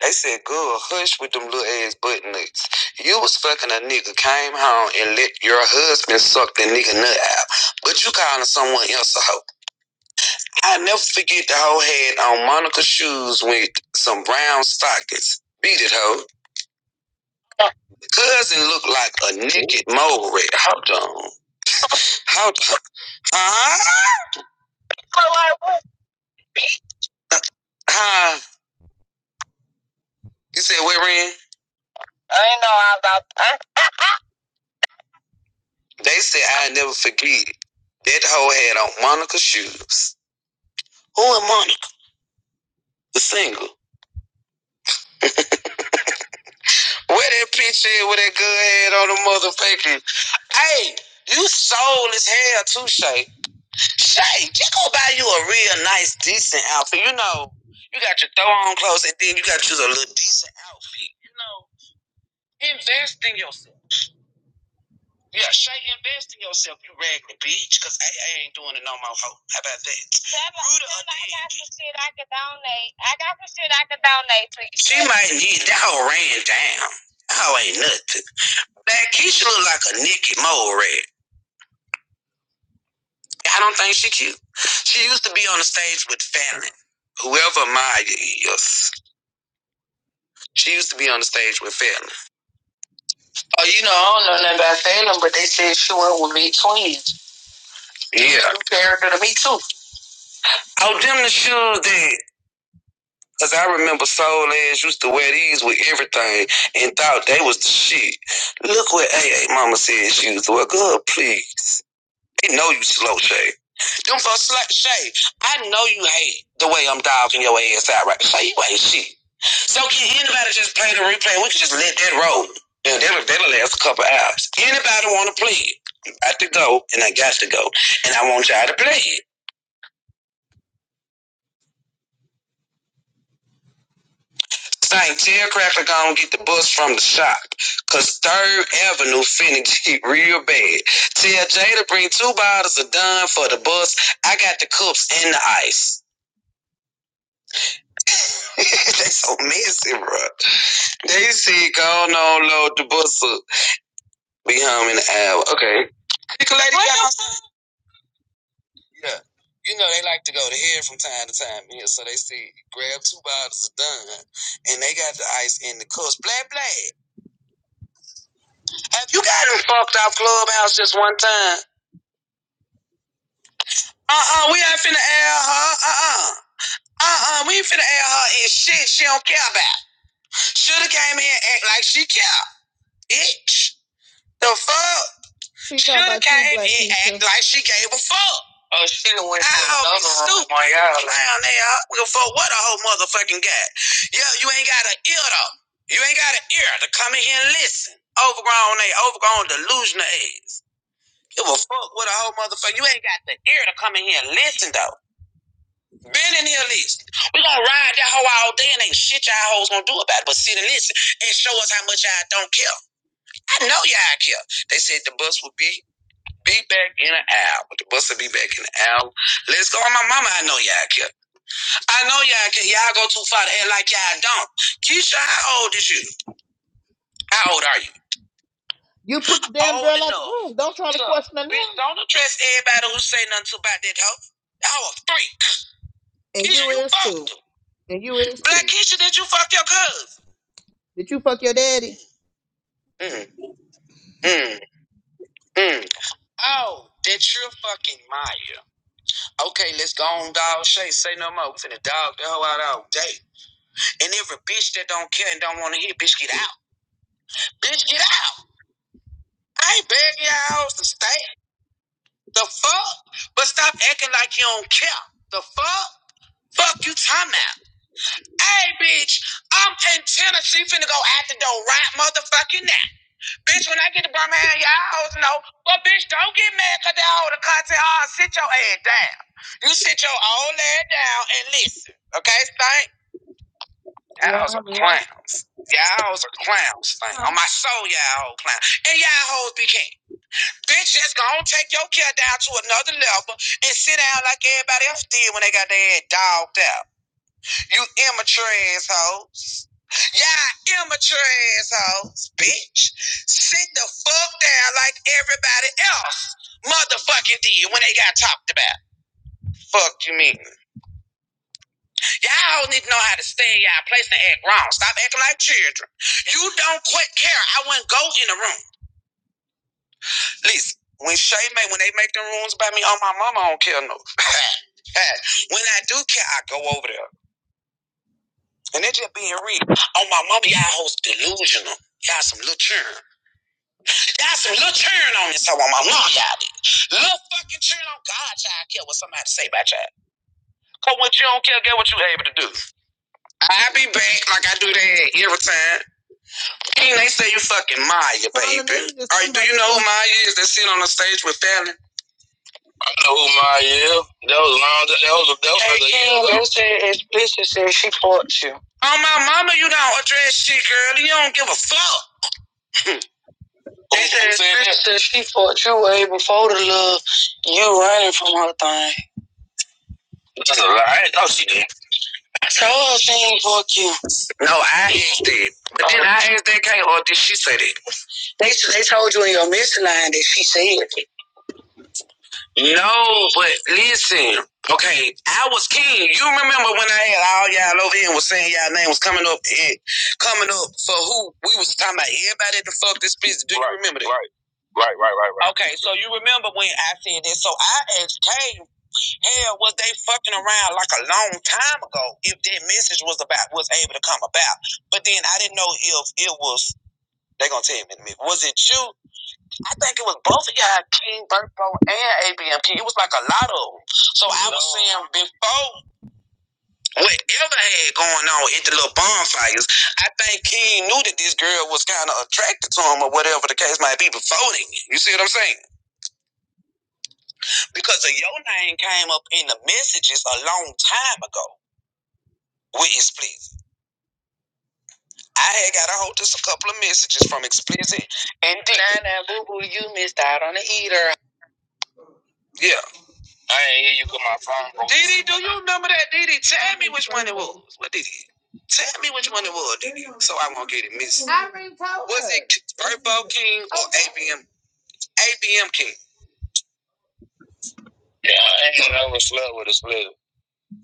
H: They said, "Good hush with them little ass butt nuts. You was fucking a nigga, came home and let your husband suck the nigga nut out. But you calling someone else a hoe. I never forget the hoe had on Monica shoes with some brown stockings. Beat it, hoe. Cousin looked like a
C: who-
H: naked mole rat. Hold on. Hold on. Huh? Huh? You said what, Ren? I ain't know all about that. They said I never forget. That hoe had on Monica shoes. Who in Monica? The single. Where that picture at with that good head on the motherfucking? Hey, you sold as hell too, Shay. Shay, just go buy you a real nice, decent outfit. You know, you got your throw on clothes and then you got to choose a little decent outfit. You know, invest in yourself. Yeah, Shay, invest in yourself, you raggedy bitch, because I, I ain't doing it no more, hoe. How about that? Screw the She might need, that hoe ran down. That hoe ain't nothing. That Keisha look like a Nicki Mole rat. I don't think she cute. She used to be on the stage with Fallon. Whoever Maya is, she used to be on the stage with Fallon. Oh, you know, I don't know nothing about Fallon, but they said she went with Big twins. Yeah. Oh, them little did everything and thought they would. Look what a A Mama said she was. Well, good, please. They know you slow, Shay. Them folks slow, Shay. I know you hate the way I'm dogging your ass out right. Shay, you ain't shit. So can anybody just play the replay? We can just let that roll. Yeah, that'll, that'll last a couple hours. I to go and I got to go. And I want y'all to play it. Saint, tell Cracker gonna get the bus from the shop. Cause Third Avenue finna get real bad. Tell Jay to bring two bottles of Don for the bus. I got the cups and the ice. they so messy, bro. They said, go on, load the bus up. Be home in an hour. Okay. What the Yeah. You know, they like to go to here from time to time. Yeah, so they see grab two bottles of done and they got the ice in the cups. Blah blah. Have you got in clubhouse just one time? Uh uh we ain't finna air her. Uh uh. Uh uh, we ain't finna air her in shit she don't care about. Shoulda came in and act like she care. Bitch. The fuck? She Shoulda came Black in and act like she gave a fuck. I'll be stupid. Clown out. For what a whole motherfucking guy. Yo, you ain't got an ear though. You ain't got an ear to come in here and listen. Overgrown, they overgrown delusional ass. Give a fuck with a whole motherfucker. You ain't got the ear to come in here and listen though. Been in here listen. We gonna ride that hoe all day and ain't shit y'all hoes gonna do about it. But sit and listen and show us how much y'all don't care. I know y'all care. They said the bus will be be back in an hour. The bus will be back in an hour. Let's go. Oh, My mama, I know y'all care. I know y'all can y'all go too far to act like y'all don't. Keisha, how old is you? How old are you? You put the damn girl out the room. Don't try to Look, question her bitch, don't address everybody who say nothing about that hoe. That hoe a freak. And Keisha, you you is too. And you is Black too. Keisha, did you fuck your cousin? Did you fuck your daddy? Mm, mm, mm. Oh, that you're fucking Maya. Okay, let's go on, dog Shay. Say no more. We finna dog the hoe out all day. And every bitch that don't care and don't wanna hear, bitch, get out. Bitch, get out. I ain't begging your hoes to stay. The fuck? But stop acting like you don't care. The fuck? Fuck you talking about. Hey, bitch, I'm in Tennessee finna go out the door right motherfucking now. Bitch, when I get to Birmingham, y'all hoes know. But bitch, don't get mad cause they hold the content hard. Sit your ass down. You sit your old ass down and listen. Okay, Stank? Y'all hoes are clowns. Y'all hoes are clowns, Stank. On my soul, y'all hoes clowns. And y'all hoes be king. Bitch, just go on take your care down to another level and sit down like everybody else did when they got their head dogged out. You immature assholes. Y'all immature assholes, bitch. Sit the fuck down like everybody else motherfucking did when they got talked about. Fuck you mean. Y'all need to know how to stay in y'all place and act wrong. Stop acting like children. You don't quit care. I wouldn't go in the room. Listen, when Shay make when they make them rooms by me, oh my mama I don't care no. when I do care, I go over there. And they just being real. Oh my mama, y'all hoes delusional. Y'all some little churn. Y'all some little churn on this. So on my mama, y'all did. Little fucking churn on God, y'all care what somebody say about y'all. Cause what you don't care, get what you able to do. I be back like I do that every time. And they say you fucking Maya, baby. All right, do you know who Maya? You understand? know who Maya is. That was long. That was that was. Hey, King, they said explicit said she fought you. Oh my mama, you don't address shit, girl. You don't give a fuck. They Who- said, said she fought you way before the love you running from her thing. That's a lie. No, she didn't. I told. No, I asked it. But then I asked that King, or did she say that? They they told you in your mind. that No, but listen. Okay, I was king. You remember when I had all y'all over here and was saying y'all name was coming up and coming up for who we was talking about everybody that fuck this business. Do right, you Right, remember that? Right. Right, right, right, right. Okay, so you remember when I said this. So I asked Kay, hell, was they fucking around like a long time ago if that message was about was able to come about. But then I didn't know if it was they gonna tell me in Was it you I think it was both of y'all, King Burpo and ABM King. It was like a lot of them. So I was saying before whatever had going on at the little bonfires, I think King knew that this girl was kind of attracted to him or whatever the case might be before then. You see what I'm saying? Because of your name came up in the messages a long time ago with Explicit. I had got a hold of a couple of messages from Explicit and D. Nah, nah, boo boo, you missed out on the eater. Yeah. I ain't hear you put my phone on. Didi, do you remember that, Didi? Tell me which one it was. What Didi? Tell me which one it was, Didi. So I won't get it missed. Was it K- King or ABM? ABM King.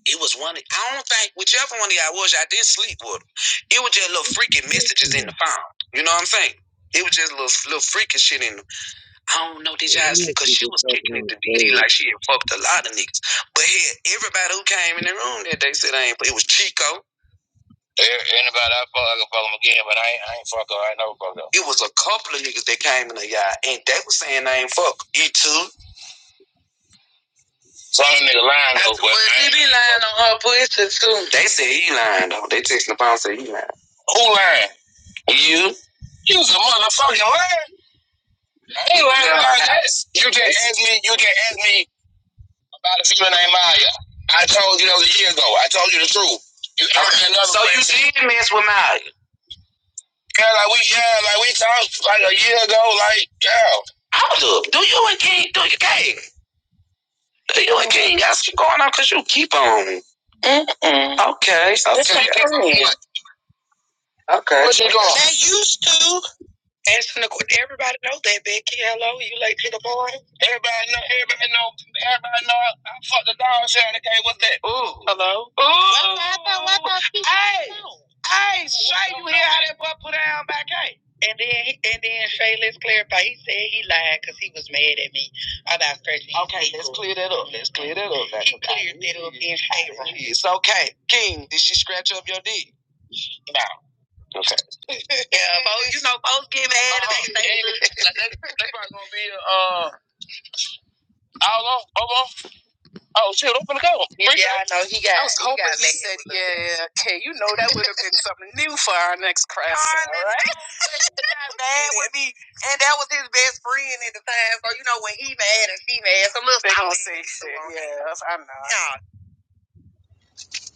H: It was one. I don't think whichever one of y'all was, y'all did sleep with with. 'em. It was just little freaky messages in the
C: mhm.
H: phone. You know what I'm saying? It was just little little freaky shit in. them. I don't know. Did y'all
C: Who else
H: sleep? Cause
C: is
H: she
C: just
H: was
C: talking
H: kicking it
C: on
H: to Didi
C: the stage?
H: like she had fucked a lot of niggas. But here, everybody who came in the room that day said I ain't. It was Chico. A- Anybody I fuck, I can fuck them again, but I ain't, I ain't fuck her. I ain't never fuck her. You hope I Ain't that ain't fuck you too? Some nigga lying though, but well, she be lying on. They who lying? You. You's a motherfucking liar. You lying yeah. like that. You just asked me. You just asked me about a female named Maya. I told you that was a year ago. I told you the truth. You asked so you did mess with Maya. Yeah, like we, yeah, like we talked like a year ago. Like, yeah. Hold up. Do you and King? Do you King? Do you and King got shit going on? Cause you keep on. Okay. This okay. Okay. What you doing? Everybody. Hello. Hey, Shay, you hear how that? And then, and then Shay, let's clarify. He said he lied because he was mad at me about scratching. Okay, let's clear that up. Let's clear that up. That's he cleared it up in favor. Did she scratch up your dick? Yeah, folks, you know, folks get mad. if they Uh-huh. They probably gonna be uh all over. Oh shoot, I'm gonna go. First Yeah, I know he got. I was he hoping got he mad said, with "Yeah, yeah, okay." You know that would have been something new for our next class. Darn, All this right? guy mad with when he mad and she mad. some little They I'm gonna say shit. Yeah. Nah.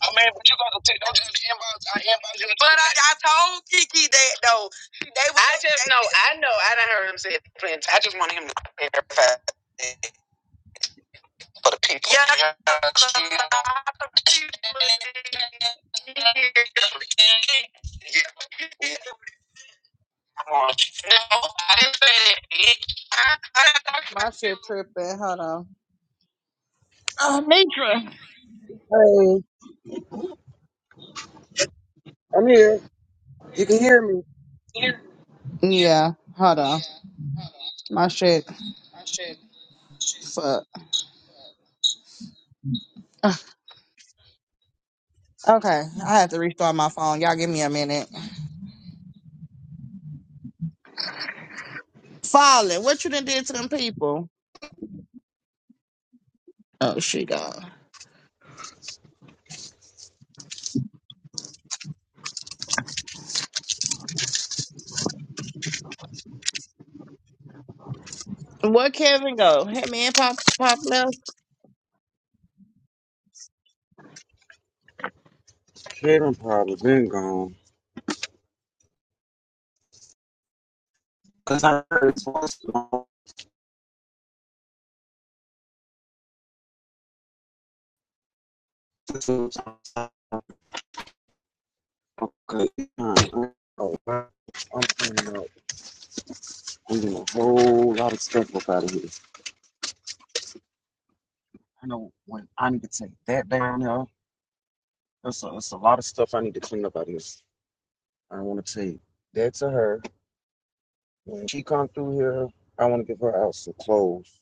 H: I mean, but you gotta take. Don't just inbox. I inbox you. But I, I, it I just, friends, I just want him to clarify it for the people. yeah. Yeah, My shit tripping. Hold on. Uh, Nitra.
C: Hey, I'm here. You can hear me.
H: Yeah, hold on. My shit. Fuck. Okay, I have to restart my phone. Y'all give me a minute. Falling, What you done did to them people? Oh, she gone. Where Kevin go? Him and Pop Pop left.
C: They done probably been gone. Cause this is- okay. alright, Oh, I'm cleaning up. I'm doing a whole lot of stuff up out of here. I know when I need to take that down there. There's a, there's a lot of stuff I need to clean up out of here. I want to take that to her. When she come through here, I want to give her out some clothes.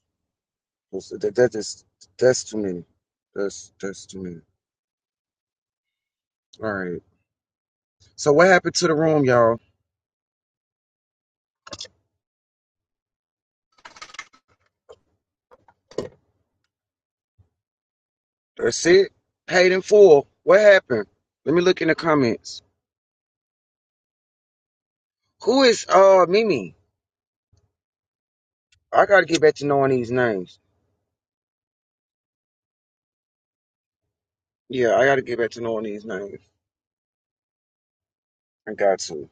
C: That's- That, that is that's too many. That's that's too many. All right. So what happened to the room, y'all? That's it. Paid in full. What happened? Let me look in the comments. Who is uh Mimi? I gotta get back to knowing these names. Yeah, I gotta get back to knowing these names. I got to.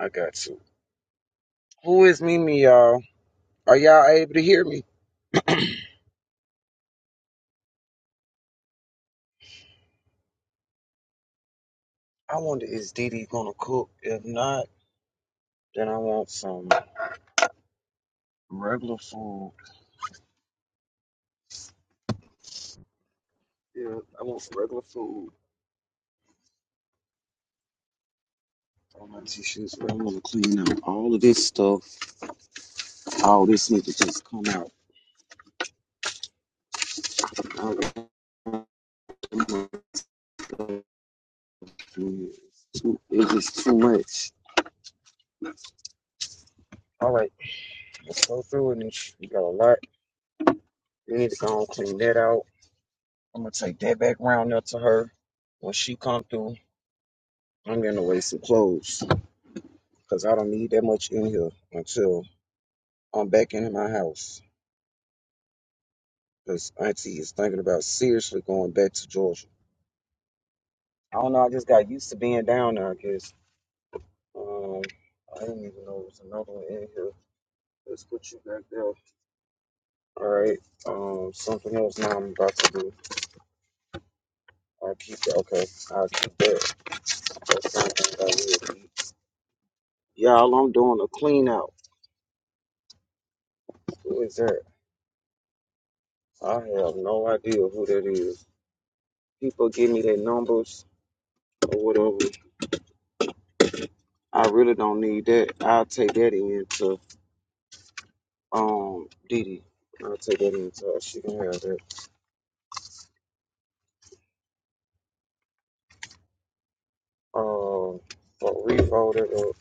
C: I got to. Who is Mimi, y'all? Are y'all able to hear me? I wonder is Didi gonna cook? If not, then I want some regular food. Yeah, I want some regular food. all my tissues. I am going to clean out all of this stuff. All this need to just come out. All of this too- It's just too much. All right, let's go through it. And sh- we got a lot. We need to go and clean that out. I'm gonna take that back round up to her when she come through. I'm gonna waste some clothes because I don't need that much in here until I'm back in my house. Because Auntie is thinking about seriously going back to Georgia. I don't know. I just got used to being down there. I guess. Um, I didn't even know it was another one in here. Let's put you back there. All right. Um, something else now I'm about to do. I'll keep that. Okay. I'll keep that. That's something that I need to eat. Y'all, I'm doing a clean out. Who is that? I have no idea who that is. People give me their numbers or whatever. I really don't need that. I'll take that into um Didi. I'll take that into her. She can have that. Um, but refold it up.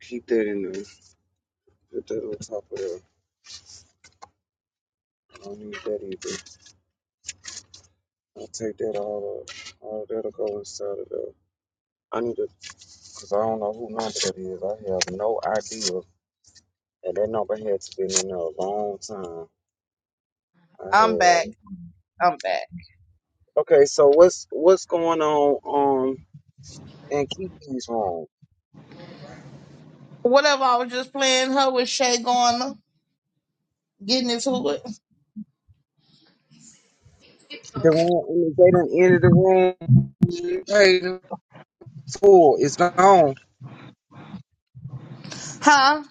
C: Keep that in there. Put that on top of there. I don't need that either. I'll take that all up. All that'll go inside of there. I need to, because I don't know who number that is. I have no idea. And that number had to been in there a long time. I
H: I'm back.
C: have.
H: I'm back.
C: Okay, so what's what's going on um in Kiki's room?
H: Whatever. I was just playing her with Shay going getting into it.
C: The room, I mean, they done ended the room. You paid in full. It's gone.
H: Huh?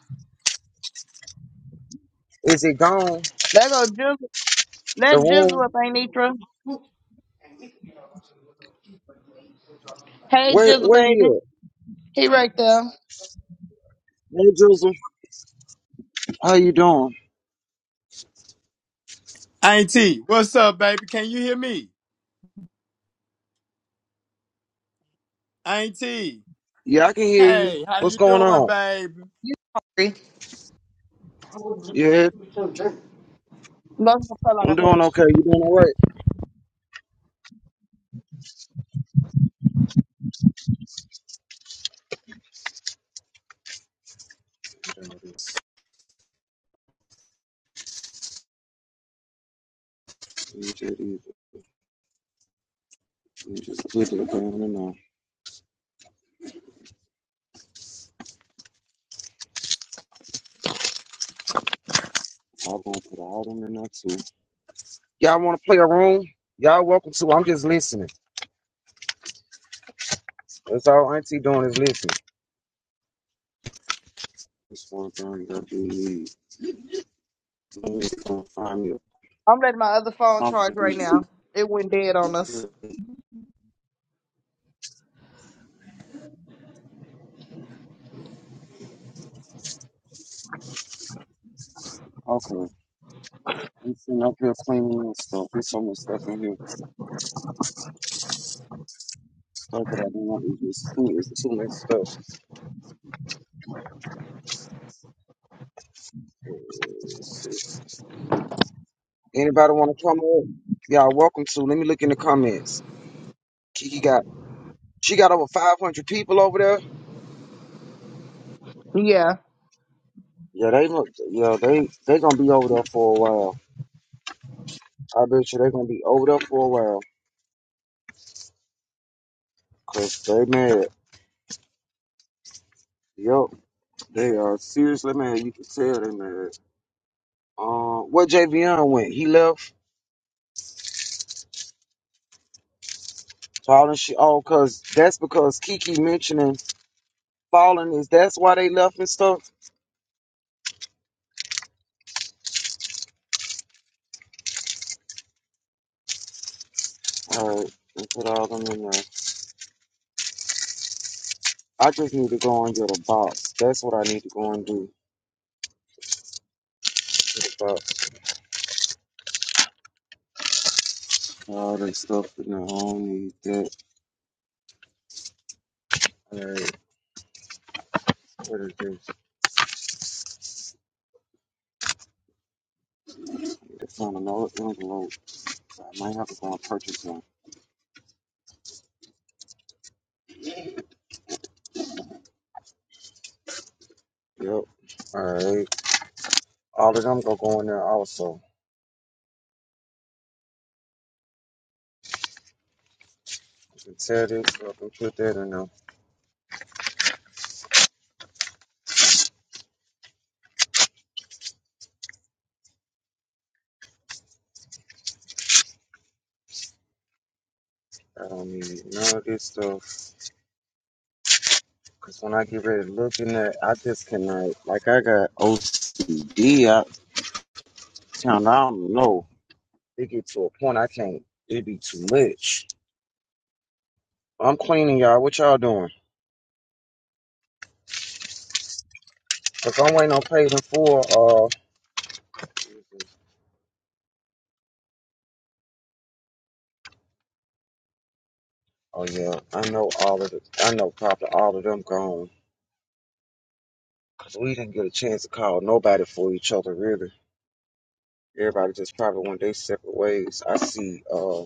C: Is it gone?
H: Let go Jizzle.
C: The
H: Let Jizzle
C: room.
H: up, Anitra. Hey
C: Where
H: Jizzle
C: where
H: baby.
C: you
H: He right there.
C: at? Hey, Joseph, how you doing?
I: Auntie, what's up, baby? Can you hear me? Auntie,
C: Yeah, I can hear you.
I: hey, how you
C: What's going
I: doing,
C: on?
I: baby?
H: You hungry.
C: Yeah,
H: Must feel like
C: I'm
H: I had.
C: doing okay. You doing all right? Yeah, You did either. You just put it down and now. I'm gonna put all them in there too. Y'all wanna play a room? Y'all welcome to. I'm just listening. That's all Auntie doing is listening. It's one thing that you need. You just to find me a
H: I'm letting my other phone charge
C: something
H: right now. It went dead on us.
C: Okay. I'm sitting up here cleaning and stuff. There's so much stuff in here. Stuff that I don't want to use. Too, it's too much stuff. Uh, let's see. Anybody want to come up? Y'all welcome to. Let me look in the comments. Kiki got She got over 500 people over there.
H: Yeah.
C: Yeah, they look. Yeah, they they gonna be over there for a while. I bet you they gonna be over there for a while, cause they mad. Yup, they are seriously mad. You can tell they mad. Um, where JVN went? He left. Falling shit. Oh, cause that's because Kiki mentioning falling is that's why they left and stuff. All right, and put all them in there. I just need to go and get a box. That's what I need to go and do. Get a box. All that stuff in there. I don't need that. All right. Where it is. on the low, it's on the load. So I might have to go and purchase one. Yep. Alright. All of them gonna go in there also. You can tear this up and put that in there. I don't need none of this stuff. Cause when I get ready to look in there, I just cannot like I got OCD I I don't know. It get to a point I can't it be too much. I'm cleaning y'all. What y'all doing? Cause I'm waiting on payment for uh Oh yeah, I know all of the, I know probably all of them gone. Cause we didn't get a chance to call nobody for each other really. Everybody just probably went their separate ways. I see uh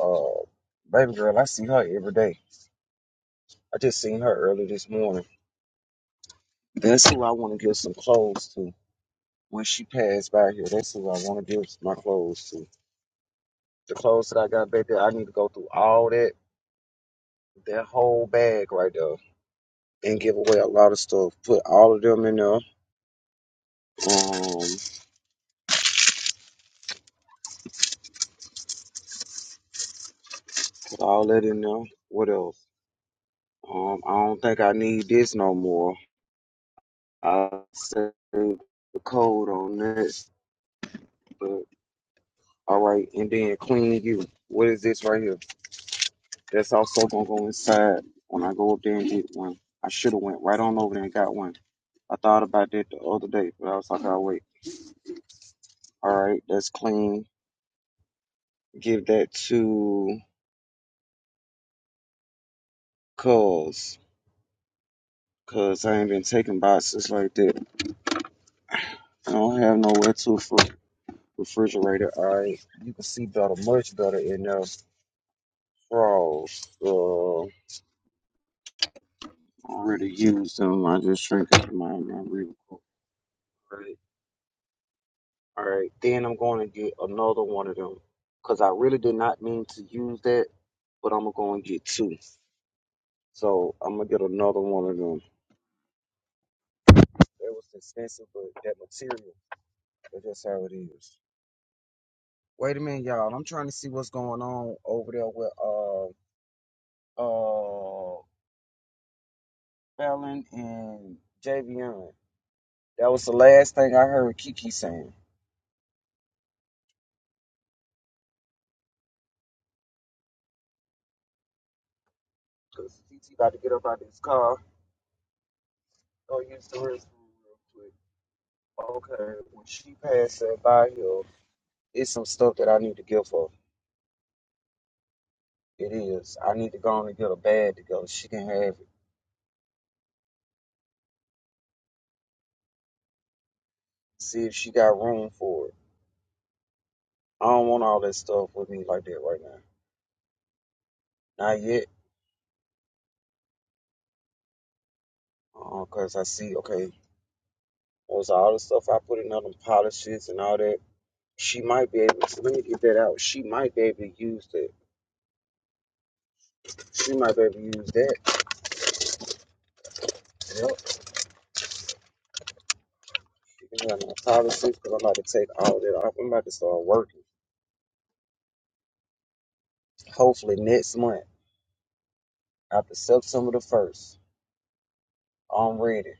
C: uh baby girl, I see her every day. I just seen her early this morning. That's who I want to give some clothes to. When she passed by here, that's who I want to give my clothes to. The clothes that I got back there, I need to go through all that that whole bag right there and give away a lot of stuff. Put all of them in there. Um put all that in there. What else? Um I don't think I need this no more. I'll send the code on this. But all right, and then clean you. What is this right here? That's also gonna go inside when I go up there and get one. I should have went right on over there and got one. I thought about that the other day, but I was like, I'll wait. All right, that's clean. Give that to cuz. Cuz I ain't been taking boxes like that. I don't have nowhere to for refrigerator. All right, you can see better, much better in there. Frogs. Uh, already used them. I just shrink up my, my real quick. Right. All right. Then I'm going to get another one of them because I really did not mean to use that, but I'm going to get two. So I'm going to get another one of them. It was expensive, but that material, but that's how it is. Wait a minute, y'all. I'm trying to see what's going on over there with uh uh Fallon and Javion. That was the last thing I heard Kiki saying. Because Kiki about to get up out of this car go use the restroom real quick. Okay, when she passed that by here, it's some stuff that I need to give her. It is. I need to go on and get a bag to go. She can have it. See if she got room for it. I don't want all that stuff with me like that right now. Not yet. Uh, Cause I see, okay, was all the stuff I put in all them polishes and all that. She might be able to, let me get that out. She might be able to use that. She might be able to use that. Yep. She can have my polishes because I'm about to take all that off. I'm about to start working. Hopefully next month, after September the first, I'm ready.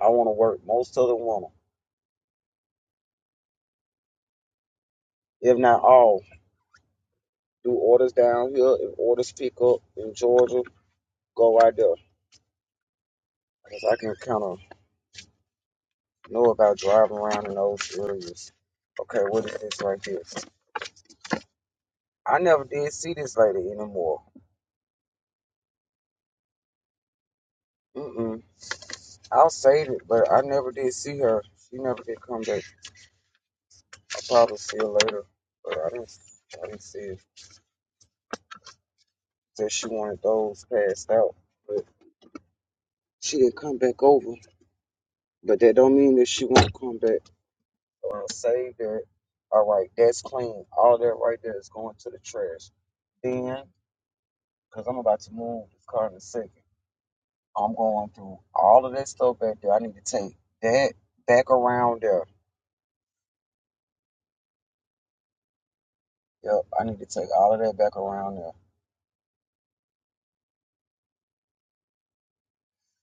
C: I want to work most of the winter, if not all. Do orders down here. If orders pick up in Georgia, go right there, cause I can kind of know about driving around in those areas. Okay, what is this right here? I never did see this lady anymore. Mm-mm. I'll save it, but I never did see her. She never did come back. I'll probably see her later, but I didn't. I didn't see it. Said she wanted those passed out. but. She didn't come back over, but that don't mean that she won't come back uh, saved. That all right? That's clean. All that right there is going to the trash. Then, because I'm about to move this car in a second, I'm going through all of that stuff back there. I need to take that back around there. Yep, I need to take all of that back around there.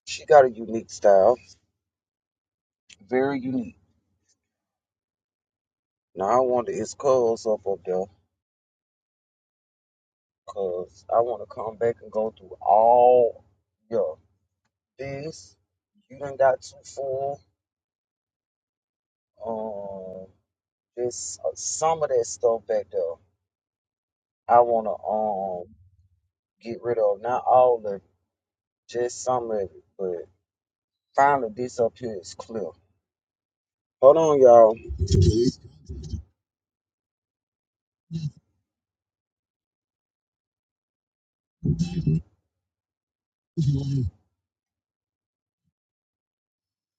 C: She got a unique style, very unique. Now I want to, it's Cuz up up there? Cause I want to come back and go through all. Yeah, this. You done got too full. Um, just uh, some of that stuff back there. I wanna um get rid of not all of it, just some of it, but finally this up here is clear. Hold on, y'all.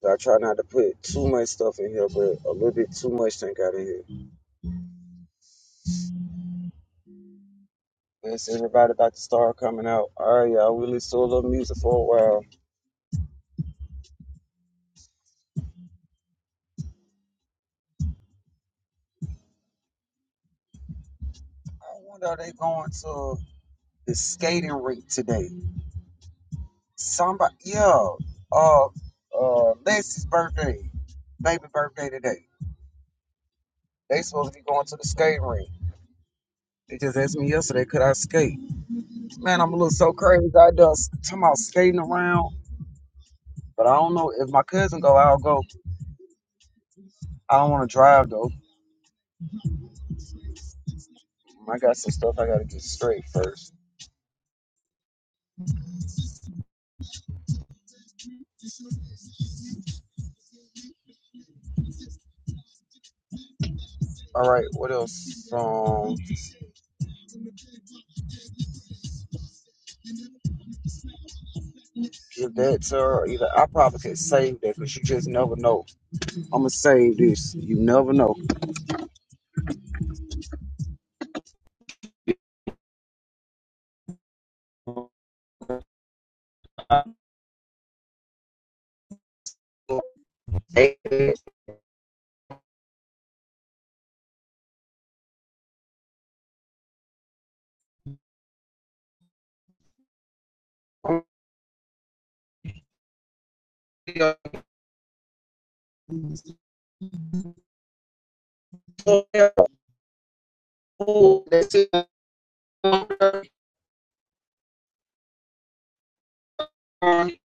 C: I try not to put too much stuff in here, but a little bit too much done got in here. Yes, everybody about to start coming out. All right, y'all. We listen to a little music for a while. I wonder are they going to the skating rink today? Somebody, yeah, uh, uh, Lexi's birthday, baby birthday today. They supposed to be going to the skate rink. They just asked me yesterday, could I skate? Man, I'm a little so crazy. I done s- talking about skating around, but I don't know if my cousin go, I'll go. I don't want to drive though. I got some stuff I gotta get straight first. All right, what else? Um, give that to her. or Either I probably could save that because you just never know. I'm gonna save this. You never know. Hey, Oh, that's it. I'm going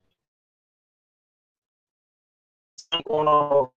C: on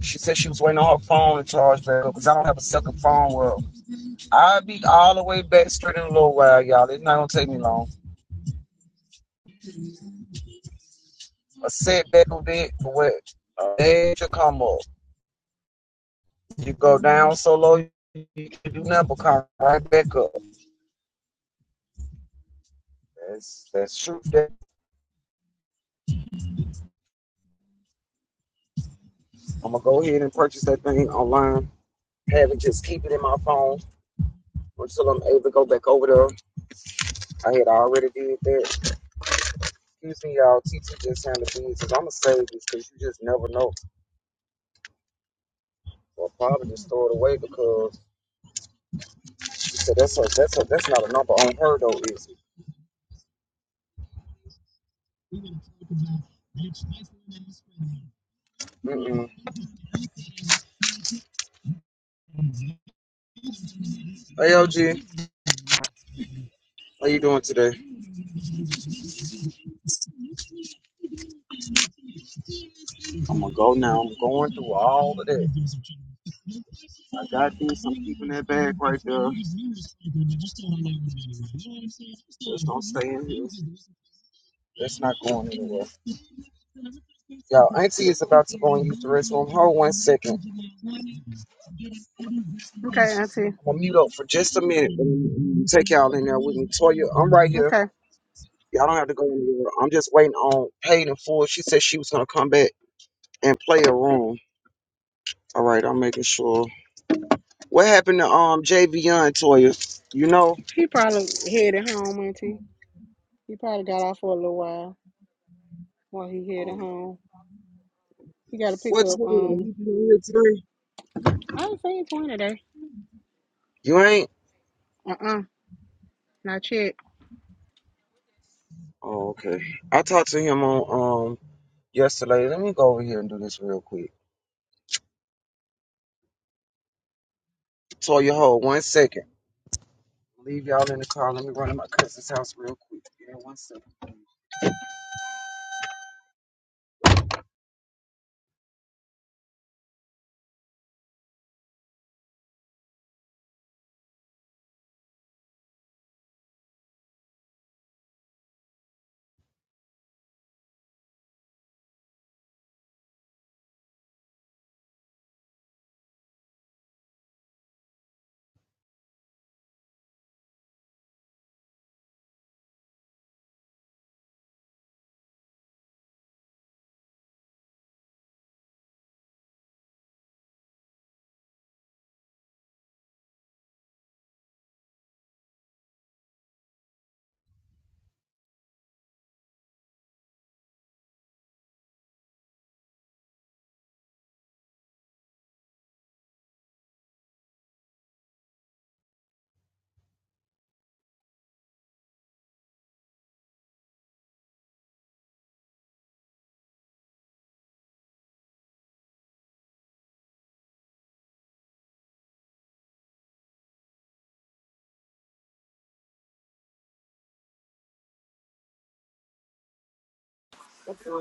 C: She said she was waiting on her phone to charge back up because I don't have a second phone. Well, I'll be all the way back straight in a little while, y'all. It's not gonna take me long. I sit back a bit, for what? There to come up. You go down so low, you can do nothing but come right back up. That's that's true. That I'm gonna go ahead and purchase that thing online. Have it just keep it in my phone until I'm able to go back over there. I had already did that Excuse me, y'all. TT just handled business. I'm gonna save this because you just never know. Or probably just throw it away because you said that's a, that's a, that's not a number on her though, is it? Mm-mm. Hey, OG, how you doing today? I'm gonna go now. I'm going through all of that. I got this. I'm keeping that bag right there. Just don't stay in here. That's not going anywhere. Y'all, Auntie is about to go and use the restroom. Hold one second.
F: Okay, Auntie.
C: I'm gonna mute up for just a minute. Take y'all in there with me. Toya, I'm right here.
F: Okay.
C: Y'all don't have to go anywhere. I'm just waiting on paid in full. She said she was gonna come back and play a room. All right, I'm making sure. What happened to um JV Young Toya? You know?
F: He probably headed home, Auntie. He probably got off for a little while while he headed
C: Um,
F: home. He got to pick
C: What's
F: up.
C: going on?
F: Um,
C: He been here today?
F: I ain't seen Twin today.
C: You ain't?
F: Uh uh not yet.
C: Oh, okay. I talked to him on um yesterday. Let me go over here and do this real quick. Toya, hold one second. Leave y'all in the car. Let me run to my cousin's house real quick. Yeah, one second.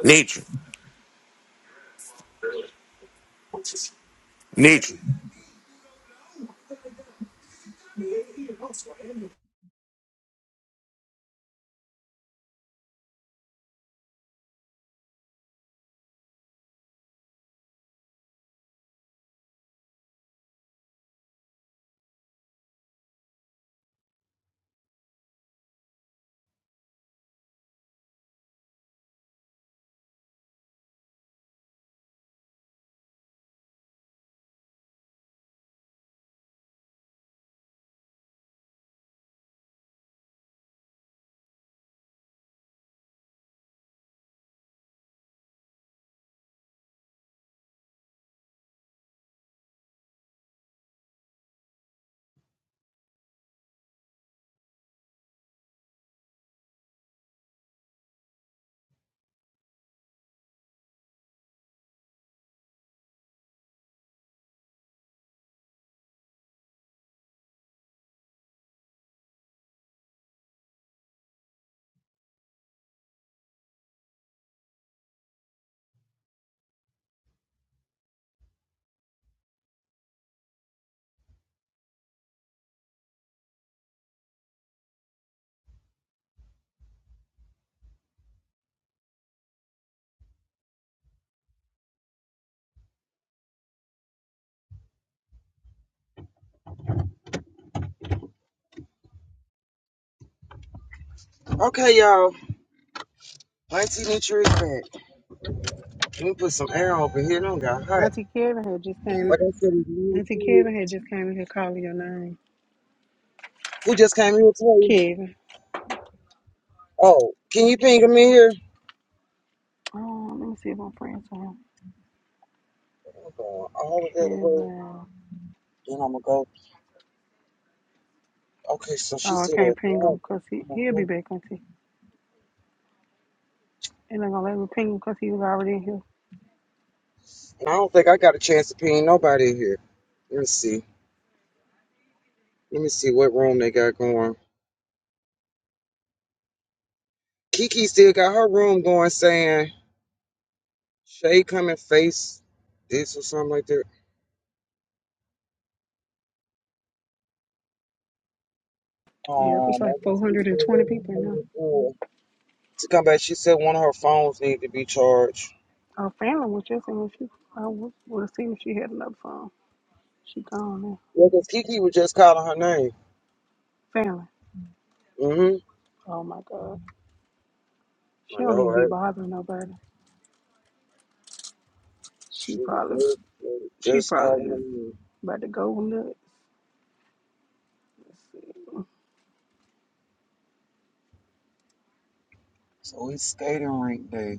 D: Nature. Nature.
C: Okay, y'all. Auntie Nitra is back. Let me put some air over here. Don't got hot.
F: Auntie Kevin had just came.
C: What I said is one
F: Auntie
C: kids
F: Kevin had just came in here calling your name,
C: who just came here to you.
F: Kevin.
C: Oh, can you ping them in here?
F: Oh, let me see if my friends on him.
C: I'm going all of that away.
F: Kevin.
C: Then I'm gonna go. Okay, so she
F: Oh, I
C: said
F: can't ping
C: that.
F: him 'cause he he'll be
C: And
F: back, Auntie. And I'm gonna let me ping him 'cause he was already in here.
C: I don't think I got a chance to ping nobody in here. Let me see. Let me see what room they got going. Kiki still got her room going, saying Shay come and face this or something like that.
F: Yep, it's
C: Um, I
F: like
C: guess we can
F: 420
C: wait on
F: people now.
C: her before- to come back. She said one of her phones need to be charged.
F: Oh, Fallon was just in. She, I would have seen if she had another phone. She gone now.
C: Yeah, 'cause Kiki was just calling her name.
F: Fallon.
C: Mhm.
F: Oh my God. She
C: I
F: don't
C: know,
F: even be
C: right?
F: bothering nobody. She
C: She was
F: probably,
C: just, they
F: she
C: just
F: probably
C: calling
F: is
C: me.
F: about to go nuts. Let's
C: So it's skating rink day.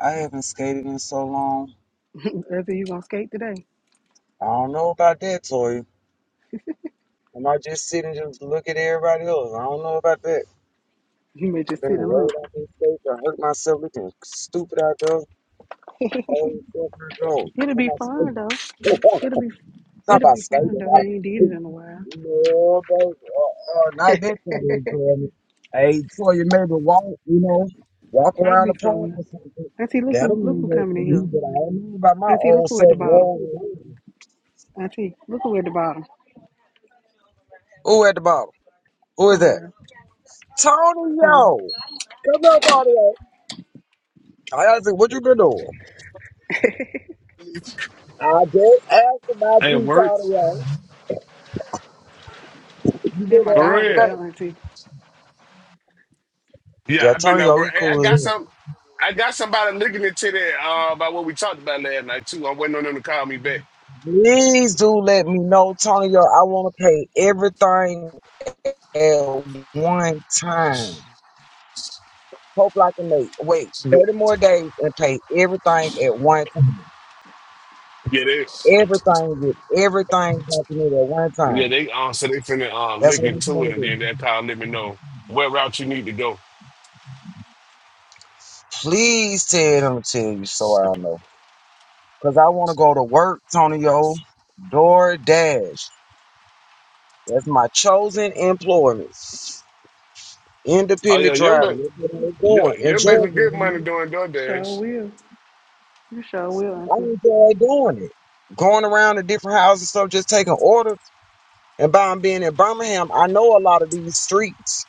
C: I haven't skated in so long.
F: see. Whether you gonna skate today,
C: I don't know about that, Toya. I might just sit and just look at everybody else. I don't know about that.
F: you may
C: I've
F: just
C: been
F: sit and look.
C: rolled out in skates. I hurt myself looking stupid out there. Oh, fuck, I go.
F: it'll
C: Talk
F: be
C: about
F: fun
C: skating.
F: though. It'll be,
C: Talk
F: it'll
C: about
F: be fun
C: skating,
F: though. You ain't
C: right?
F: did it in a while.
C: No, baby. Uh, uh, not that kind of enjoyment. Hey, for you maybe walk, you know, walk
F: I'll
C: around the
F: be so
C: park
F: weak.
C: or something.
F: Auntie, look
C: That'll
F: who, look
C: mean
F: who
C: it
F: coming
C: for
F: in here.
C: me, but I don't know about my
F: Auntie, look
C: old
F: who at the
C: self.
F: bottom.
C: Whoa.
F: Auntie, look who at the bottom.
C: Who at the bottom? Who is
F: Tony,
C: that? Tony,
F: Tony.
C: yo. Come up, Tony. yo. I asked him, what you been doing? I just asked about
J: Hey,
C: you,
J: works
C: Tony. yo. You
F: They're
C: been
F: my
C: at
J: for
C: work
F: dog right
J: real.
C: today?
F: there, Auntie.
J: Yeah,
C: Yeah,
J: I've been
C: Tony,
J: at
C: yo,
J: work.
C: he
J: Hey, I
C: cool as
J: got
C: hell.
J: some. I got somebody looking into that uh, about what we talked about last night too. I'm waiting on them to call me back.
C: Please do let me know, Tony. yo. I want to pay everything at one time. Hope like a mate. Wait
J: Yeah,
C: 30 more days and pay everything at one time.
J: yeah, they,
C: Everything, get everything happening at one
J: yeah,
C: time.
J: they uh, so they finna uh,
C: That's
J: look
C: what I'm
J: into it
C: trying to
J: and
C: do.
J: then they'll call and let me know what route you need to go.
C: Please tell them to tell you so I know. Because I want to go to work, Tonyo. DoorDash. That's my chosen employment.
J: Oh yeah,
C: Independent
J: you're
C: driving.
J: making
C: That's what I'm
J: you're,
C: doing.
J: you're
C: Enjoy
J: making good
C: it.
J: money doing
F: Sure
J: DoorDash.
F: will. You sure will,
C: I
F: Auntie.
C: enjoy doing it. Going around to different houses and stuff, just taking orders. And by I'm being in Birmingham, I know a lot of these streets.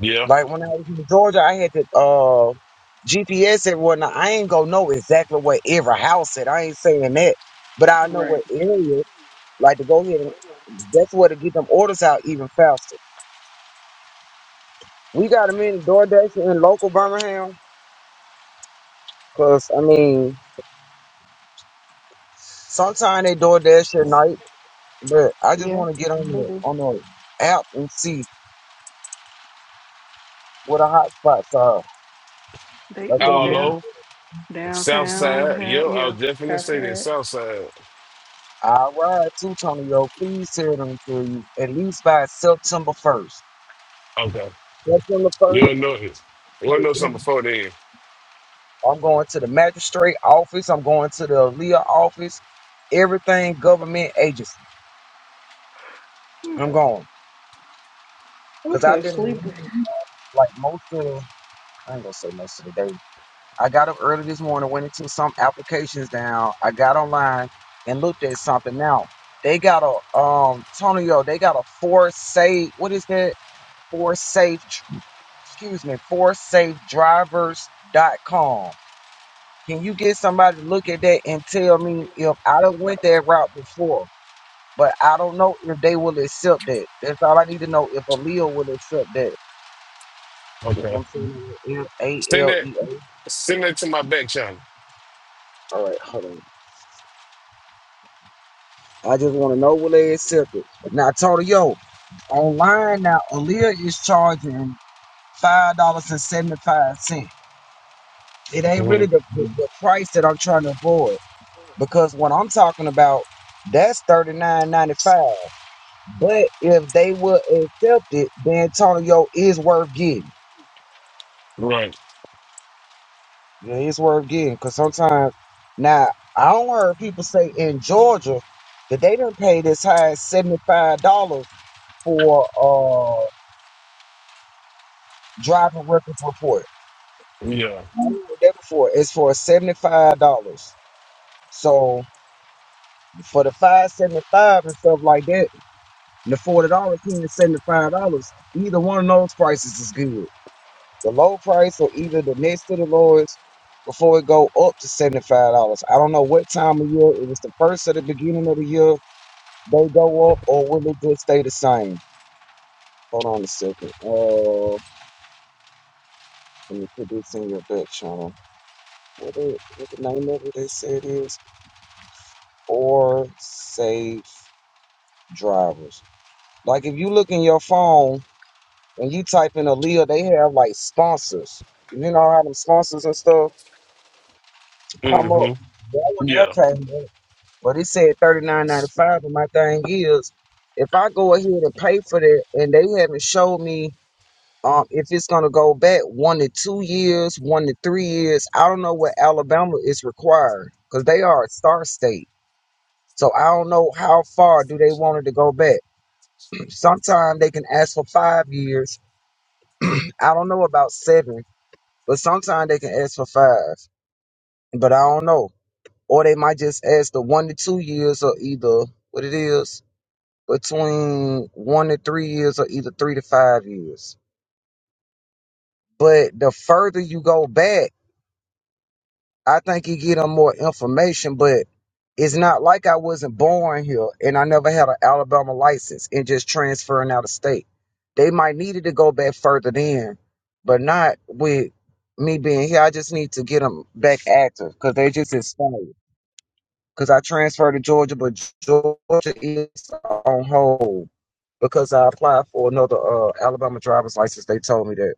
J: Yeah,
C: Like when I was in Georgia, I had to uh GPS everywhere. Now I ain't gonna know exactly where every house at. I ain't saying that, but I know
F: Right.
C: what area. Like to go ahead and that's where to get them orders out even faster. We got them in DoorDash in local Birmingham, cause I mean sometimes they DoorDash at night, but I just
F: Yeah,
C: want to get on
F: they
C: the
F: do.
C: on the app and see what the hot spots are.
F: They
C: That's what
F: mm,
C: I'm
J: all
C: looking
F: down
J: over South
F: downtown.
J: Side. Yeah,
F: Hell,
J: I will
F: yeah.
J: definitely say that
F: Southside.
J: South Side.
C: All right, too, Tonyo. please tell them to you at least by September first.
J: Okay,
C: September first,
J: you'll know it. We'll know something
C: I'm
J: before then.
C: going to the magistrate office. I'm going to the Leah office. Everything government agency. I'm going
F: I'm
C: because I've
F: so
C: been
F: sleepy.
C: online, like most of. I ain't gonna say most of the day. I got up early this morning, went into some applications down. I got online and looked at something. Now they got a um Tonyo. they got a for safe. What is that? For safe excuse me, for safe drivers dot com. Can you get somebody to look at that and tell me if I done went that route before, but I don't know if they will accept that. That's all I need to know if Aaliyah will accept that. If
J: Okay,
C: I'm saying it, A
J: send
C: L
J: that.
C: E A.
J: Send it to my back channel.
C: All right, hold on. I just want to know will they accept it. Now, Tony, yo, online now, Aaliyah is charging five dollars and seventy five cent. It ain't
J: hmm
C: really the, the the price that I'm trying to avoid. because what I'm talking about that's thirty nine ninety five. But if they will accept it, then Antonio is worth getting.
J: Right.
C: You know, it's worth getting because sometimes now I don't heard people say in Georgia that they didn't pay as high as seventy five dollars for uh driver records report.
J: Yeah.
C: I heard that before. It's for seventy five dollars. So for the five seventy five and stuff like that and the forty dollars ten and seventy five dollars. Either one of those prices is good. The low price or either the next to the lowest before it go up to seventy five dollars. I don't know what time of year it was the first or the beginning of the year they go up or will it just stay the same? Hold on a second. Uh let me put this in your back channel. What the what the name of it they said is for safe drivers. Like if you look in your phone When you type in Aaliyah, they have like sponsors. You know how them sponsors and stuff come up.
J: hmm
C: That one there
J: Yeah.
C: came up, but it said thirty nine ninety five. But my thing is, if I go ahead and pay for that, and they haven't showed me um if it's gonna go back one to two years, one to three years, I don't know what Alabama is required because they are a star state. So I don't know how far do they want it to go back. Sometimes they can ask for five years. I don't know about seven But sometimes they can ask for five. But I don't know. Or they might just ask the one to two years or either what it is between one to three years or either three to five years. But the further you go back, I think you get them more information. But it's not like I wasn't born here and I never had an Alabama license and just transferring out of state. They might needed to go back further then, but not with me being here. I just need to get them back active because they just inspired. because I transferred to Georgia, but Georgia is on hold because I applied for another uh, Alabama driver's license. They told me that.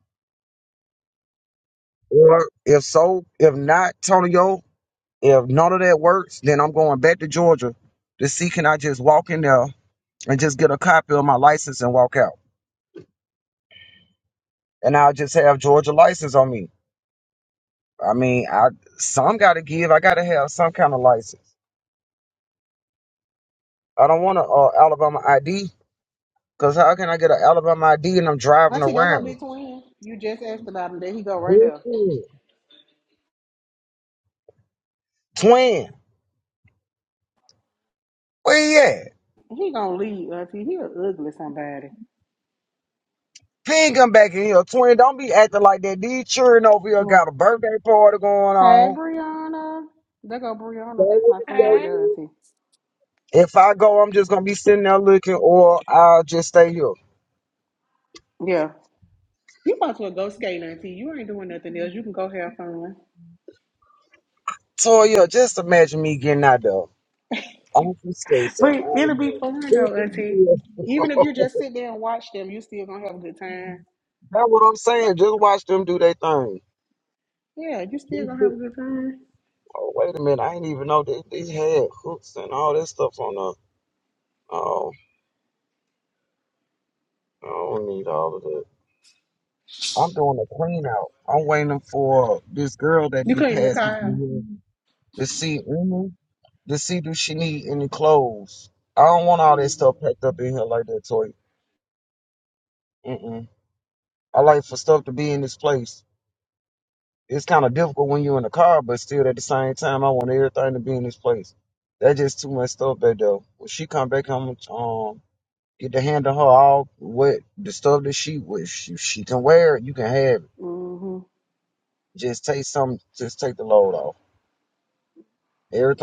C: Or if so, if not, Tonyo, if none of that works, then I'm going back to Georgia to see can I just walk in there and just get a copy of my license and walk out, and I'll just have Georgia license on me. I mean, I some got to give. I got to have some kind of license. I don't want a uh, Alabama ID because how can I get an Alabama ID and I'm driving
F: Auntie, they're gonna
C: around?
F: be twins. You just asked about him. There he go right there.
C: Mm-mm. Twin, where you at?
F: He gonna leave, Auntie. He a ugly somebody.
C: Ping come back in here. Twin, don't be acting like that. These children over here
F: What?
C: got a birthday party going
F: Hey,
C: on.
F: Brianna. There go Brianna.
C: Go
F: That's
C: with
F: my
C: the
F: friend right
K: Hey,
F: there,
C: statement.
F: Auntie.
C: If I go, I'm just gonna be sitting there looking, or I'll just stay here.
F: Yeah. You might as well go skate, Auntie. You ain't doing nothing else. You can go have fun.
C: Toya, just imagine me getting out there. Uncle Stacy,
F: But
C: oh
F: it'll be
C: man.
F: fun though, Auntie. Even if you just sit there and watch them, you still gonna have a good time.
C: That's what I'm saying. Just watch them do their thing.
F: Yeah, you still gonna have a good time.
C: Oh, wait a minute. I didn't even know they, they had hooks and all that stuff on the. Oh, I don't need all of that. I'm doing a clean out. I'm waiting for this girl that
F: You
C: be
F: clean the
C: passing
F: car out.
C: through here to see any, to see do she need any clothes. I don't want all that stuff packed up in here like that, Toy. Mm-mm. I like for stuff to be in this place. It's kind of difficult when you're in the car, but still at the same time, I want everything to be in this place. That's just too much stuff back there. When she come back, I'm gonna, um get to handle her all what the stuff that she wish she, she can wear. it, You can have it.
F: hmm
C: Just take some. Just take the load off.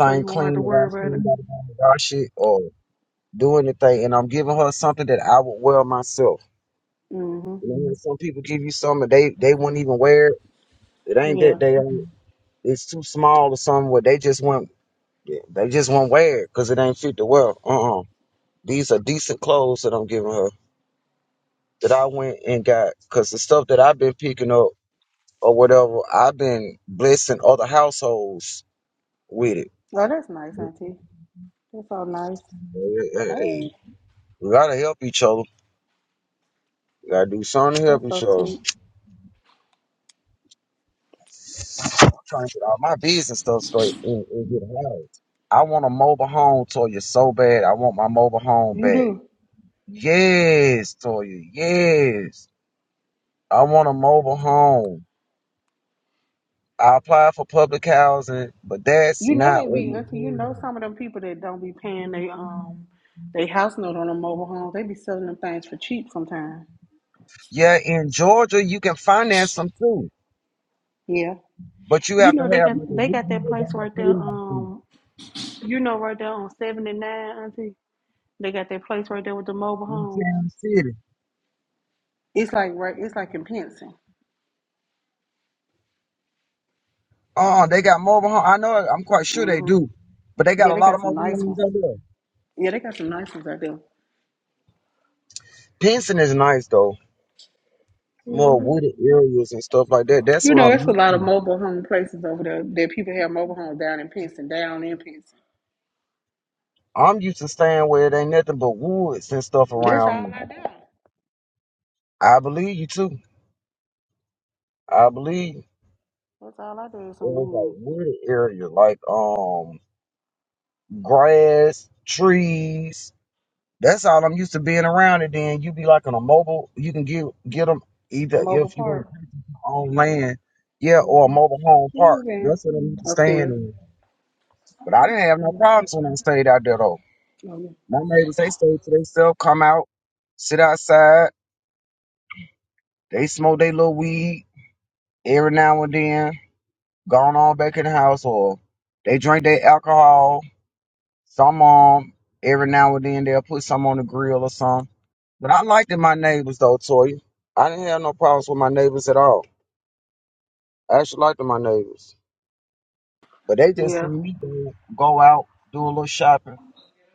F: So you won't have to
C: clean that I
F: worry about it.
C: clean gotta wash it or do anything and I'm giving her something that I would wear myself.
F: hmm
C: You know, when some people give you something they they wouldn't even wear it. It ain't
F: Yeah.
C: that they ain't, it's too small or something where they just want they just won't wear it because it ain't fit to wear. Uh uh These are decent clothes that I'm giving her that I went and got because the stuff that I've been picking up or whatever, I've been blessing other households with it.
F: Oh, that's nice, Auntie. That's so nice.
C: Hey, hey, hey,
F: Hey,
C: we gotta help each other. We gotta do something to help
F: that's
C: each
F: so
C: other.
F: sweet.
C: trying to get all my business stuff straight and, and get housed. I want a mobile home, Toya, so bad. I want my mobile home
F: You
C: back.
F: do.
C: Yes, Toya, yes. I want a mobile home. I applied for public housing, but that's
F: You know
C: not
F: they
C: what
F: be
C: my
F: Auntie. You
C: home
F: know
C: is.
F: some of them people that don't be paying they um they house note on them mobile homes. They be selling them things for cheap sometimes.
C: Yeah, in Georgia, you can finance them too,
F: Yeah.
C: but you
F: You
C: have to
F: know they
C: have
F: got
C: like a
F: they got that
C: reasonable
F: place
C: down
F: right there.
C: payment fee
F: Um, You know, right there on 79, Auntie, they got that place right there with the mobile
C: in
F: homes.
C: town city.
F: It's like right, it's like in Pinson.
C: Oh, they got mobile home. I know, I'm quite sure they
F: hmm
C: do, but they got
F: Yeah,
C: a
F: they
C: lot
F: got
C: of
F: some
C: mobile
F: nice
C: homes
F: ones.
C: out there.
F: Yeah, they got some nice ones out there.
C: Pinson is nice though. more wooded areas and stuff like that. That's
F: You
C: what
F: know,
C: I'm
F: it's a
C: used
F: lot of
C: to.
F: mobile home places over there that people have mobile homes down in Pinson, down in Pinson.
C: I'm used to staying where it ain't nothing but woods and stuff
F: That's
C: around
F: all
C: me.
F: I do.
C: I believe you too. I believe it
F: That's all I do is some
C: was
F: wood,
C: like wooded area, like um grass, trees. That's all I'm used to being around. And then you be like on a mobile, you can get get them
F: a
C: either
F: mobile
C: if you want
F: park.
C: on land, yeah, or a
F: Mm-hmm.
C: mobile home park.
F: Moving
C: That's what I'm used to staying
F: upstairs.
C: in. But I didn't have no problems when I stayed out there though.
F: Oh,
C: My neighbors, they stay to themselves, come out, sit outside, they smoke their little weed every now and then, gone on back in the house, or they drink their alcohol. Some um every now and then they'll put some on the grill or something. But I liked it my neighbors though, Toya. I didn't have no problems with my neighbors at all. I actually liked my neighbors. But they
F: yeah.
C: just see
F: yeah,
C: me go go out, do a little shopping,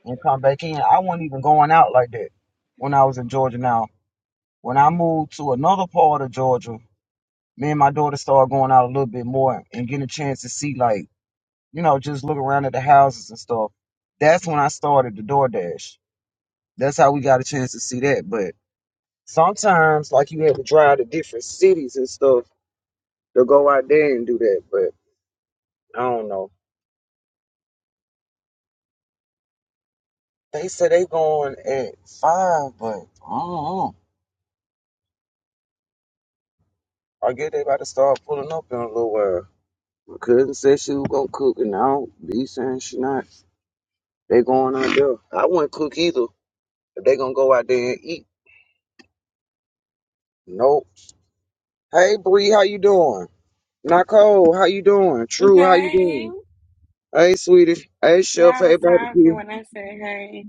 C: and come back in. I wasn't even going out like that when I was in Georgia now. When I moved to another part of Georgia, me and my daughter started going out a little bit more and getting a chance to see, like, you know, just look around at the houses and stuff. That's when I started the DoorDash. That's how we got a chance to see that. But sometimes, like, you have to drive to different cities and stuff to go out there and do that. But I don't know. They said they going at five, but I don't know. I guess they about to start pulling up in a little while. My cousin said she was gonna cook, and I don't be saying she not. They going out there. I wouldn't cook either if they gonna go out there and eat. Nope. Hey Bree, how you doing? Nicole, how you doing? True, how you
K: hey.
C: doing? Hey sweetie. Hey Chef,
K: Yeah, I
C: hey
K: was talking
C: barbecue.
K: when I said hey.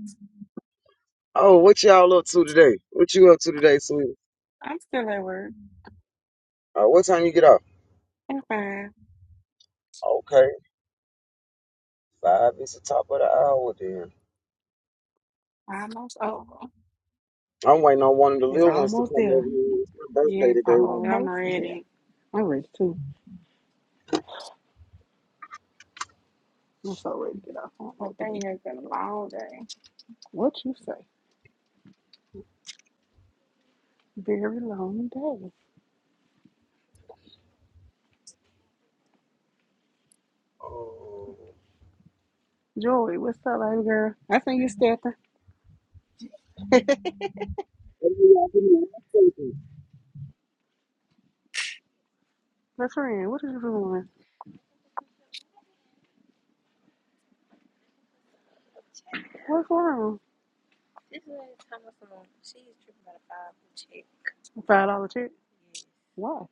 C: Oh, what y'all up to today? What you up to today, sweetie?
K: I'm still at work.
C: Uh, what time you get off?
K: I'm fine.
C: Okay, five is the top of the hour then.
K: Almost over.
C: I'm waiting on one of the
F: it's
C: little ones to
F: almost
C: come
F: there.
C: over here. It's my birthday
K: Yes,
C: today.
K: boy, I'm
F: Almost there.
K: ready.
F: I'm ready too. I'm so ready to get off. I don't know what to do.
K: Today has been a long day.
F: What you say? Very long day.
C: Oh.
F: Joy, what's up, baby girl? I seen you stepping.
C: Hey, y'all, give me one second.
F: My friend, what are you doing? What's wrong? Five dollar check. Why?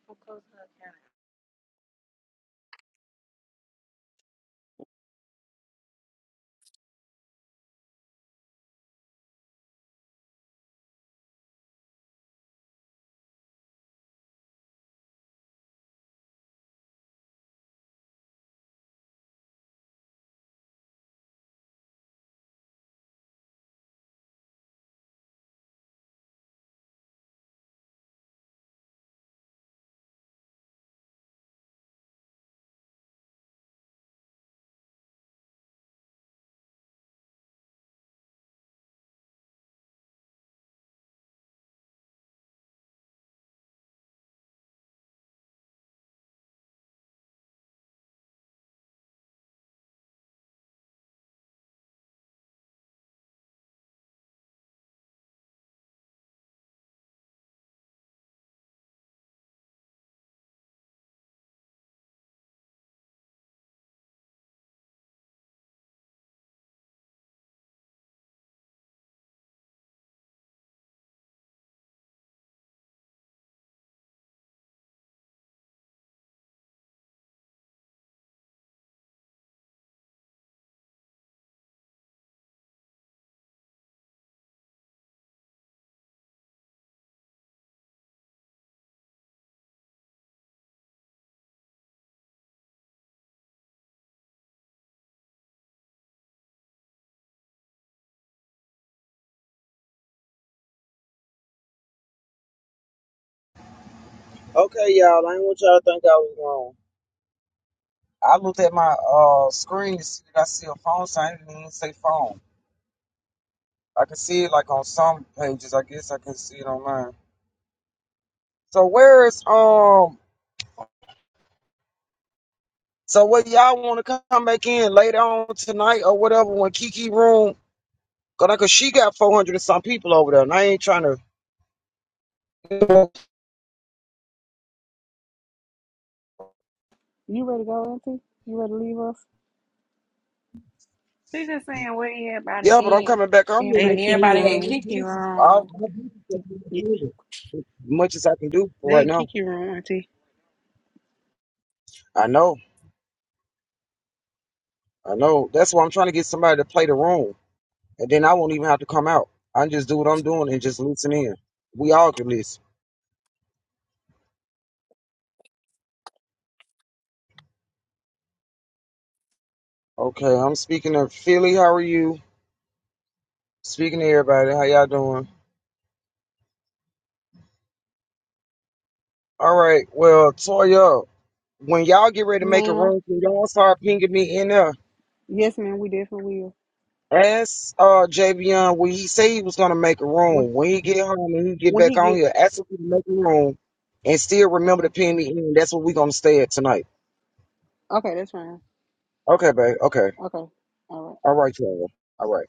C: Okay, y'all, I didn't want y'all to think I was wrong. I looked at my uh screen to see that I see a phone sign. It didn't even say phone. I can see it like on some pages. I guess I can see it online. So where is um? So what y'all want to come back in later on tonight or whatever when Kiki room? Cause, like, 'cause she got four hundred and some people over there, and I ain't trying to.
F: You ready to go, Auntie? You ready to leave us?
K: She just saying where
C: Yeah, but I'm
K: everybody at.
C: coming back on here
K: And
F: They
K: but
F: didn't
C: next
F: kick
C: week
F: you
C: 'cause I
K: everybody had
C: know
F: wrong.
C: this
K: Kiki
C: is- I-
K: wrong.
C: my business is
F: They
C: As much as I can do for right
F: didn't
C: now.
F: kick you wrong, Auntie.
C: I know, I know. That's why I'm trying to get somebody to play the room, and then I won't even have to come out. I can just do what I'm doing and just listen in. We all can listen. Okay, I'm speaking to Philly. How are you? Speaking to everybody. How y'all doing? All right. Well, Toya, when y'all get ready to make a
F: Ma'am.
C: room, can y'all start pinging me in there?
F: Yes, ma'am. We definitely will.
C: Ask uh Javion when he say he was gonna make a
F: When
C: room. When he get home and he get
F: when
C: back
F: he
C: on
F: get
C: here, ask him to make a room and still remember
F: okay,
C: to ping me in. That's what we gonna stay at tonight.
F: okay, that's fine.
C: Okay, babe. Okay.
F: Okay, all right.
C: All right, Toya. All right.